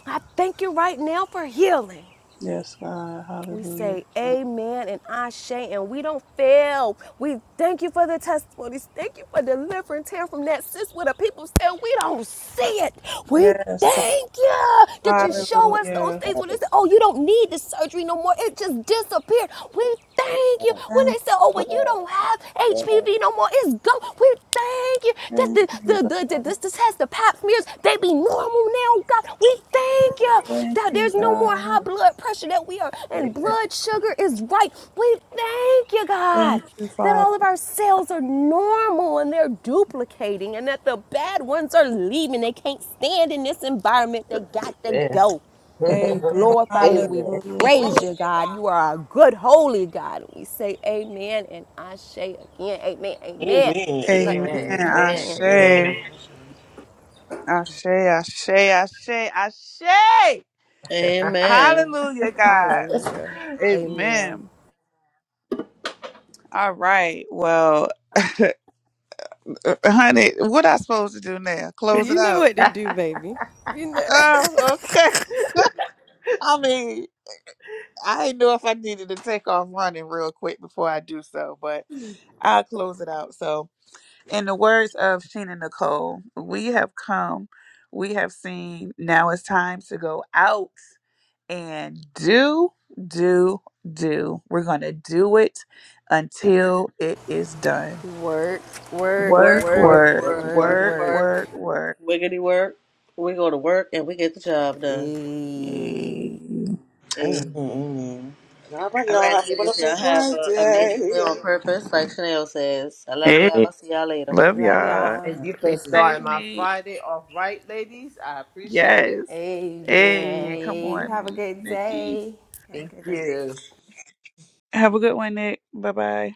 Speaker 1: I thank you right now for healing.
Speaker 4: God. Yes, God.
Speaker 1: We
Speaker 4: Hallelujah.
Speaker 1: say
Speaker 4: God.
Speaker 1: amen and ashe, and we don't fail. We thank you for the testimonies. Thank you for delivering Tam from that. Sis, where the people said we don't see it. We
Speaker 4: Yes, God.
Speaker 1: thank you that you show us those
Speaker 4: Hallelujah.
Speaker 1: things when they said, oh, you don't need the surgery no more. It just disappeared. We Thank you. When
Speaker 4: Thank
Speaker 1: they
Speaker 4: you,
Speaker 1: say, oh,
Speaker 4: God.
Speaker 1: well, you don't have HPV no more, it's gone. We thank you. That
Speaker 4: Thank
Speaker 1: the,
Speaker 4: you,
Speaker 1: the,
Speaker 4: God.
Speaker 1: the, the, this, this has the pap smears. They be normal now, God. We thank you
Speaker 4: Thank
Speaker 1: that
Speaker 4: you,
Speaker 1: there's no more high
Speaker 4: God.
Speaker 1: blood pressure that we are, and
Speaker 7: Amen.
Speaker 1: blood sugar is right. We thank you,
Speaker 4: Thank
Speaker 1: God,
Speaker 4: you,
Speaker 1: that
Speaker 4: Father.
Speaker 1: all of our cells are normal and they're duplicating, and that the bad ones are leaving. They can't stand in this environment. They got to
Speaker 7: Amen.
Speaker 1: go. We
Speaker 4: Amen.
Speaker 1: glorify you. We
Speaker 7: Amen.
Speaker 4: Hallelujah.
Speaker 1: praise you, God. You are a good, holy God. We say amen and I say again, amen,
Speaker 6: Amen.
Speaker 1: amen. We
Speaker 7: Amen.
Speaker 1: love
Speaker 4: Amen.
Speaker 1: you.
Speaker 4: I
Speaker 6: Amen.
Speaker 4: I
Speaker 1: Amen.
Speaker 6: Amen.
Speaker 7: Amen.
Speaker 4: I say, say, say, I say, I say,
Speaker 5: Amen.
Speaker 4: Hallelujah, God.
Speaker 1: Hallelujah. Amen.
Speaker 4: Amen. All right. Well, uh, uh, honey, what I supposed to do now? Close it
Speaker 1: You know
Speaker 4: out.
Speaker 1: what to do, baby. You know.
Speaker 4: Oh, okay. I mean, I didn't know if I needed to take off running real quick before I do so, but I'll close it out. So in the words of Sheena Nicole, we have come, we have seen. Now it's time to go out and do, do, do. We're going to do it until it is done.
Speaker 1: work, work,
Speaker 5: Work,
Speaker 4: Work,
Speaker 1: work,
Speaker 5: work,
Speaker 7: Amen.
Speaker 4: work,
Speaker 5: work,
Speaker 1: work,
Speaker 5: work,
Speaker 4: work,
Speaker 1: work.
Speaker 5: work.
Speaker 4: work, work.
Speaker 5: Wiggity work. We go to work and we get the job done.
Speaker 4: Yay.
Speaker 1: Ayy.
Speaker 6: amen,
Speaker 5: Amen.
Speaker 6: amen. All right,
Speaker 5: All
Speaker 6: y'all
Speaker 5: right,
Speaker 6: have a
Speaker 5: ladies,
Speaker 6: wonderful
Speaker 5: y'all have a amazing day on
Speaker 6: Friday.
Speaker 5: purpose, like Chanel says. I love y'all.
Speaker 4: Hey,
Speaker 5: See y'all later.
Speaker 4: love
Speaker 1: Love
Speaker 4: y'all.
Speaker 1: y'all.
Speaker 7: And you
Speaker 4: Be
Speaker 7: can
Speaker 4: safe,
Speaker 7: start my
Speaker 4: me.
Speaker 7: Friday off right, ladies. I appreciate it.
Speaker 4: Yes.
Speaker 1: Amen.
Speaker 4: Hey, come
Speaker 1: Ayy. You
Speaker 4: on,
Speaker 1: have a
Speaker 4: me,
Speaker 1: good
Speaker 4: Nikki.
Speaker 1: day. Have a
Speaker 7: Thank
Speaker 1: good day.
Speaker 7: you.
Speaker 4: Have a good one, Nick. Bye bye.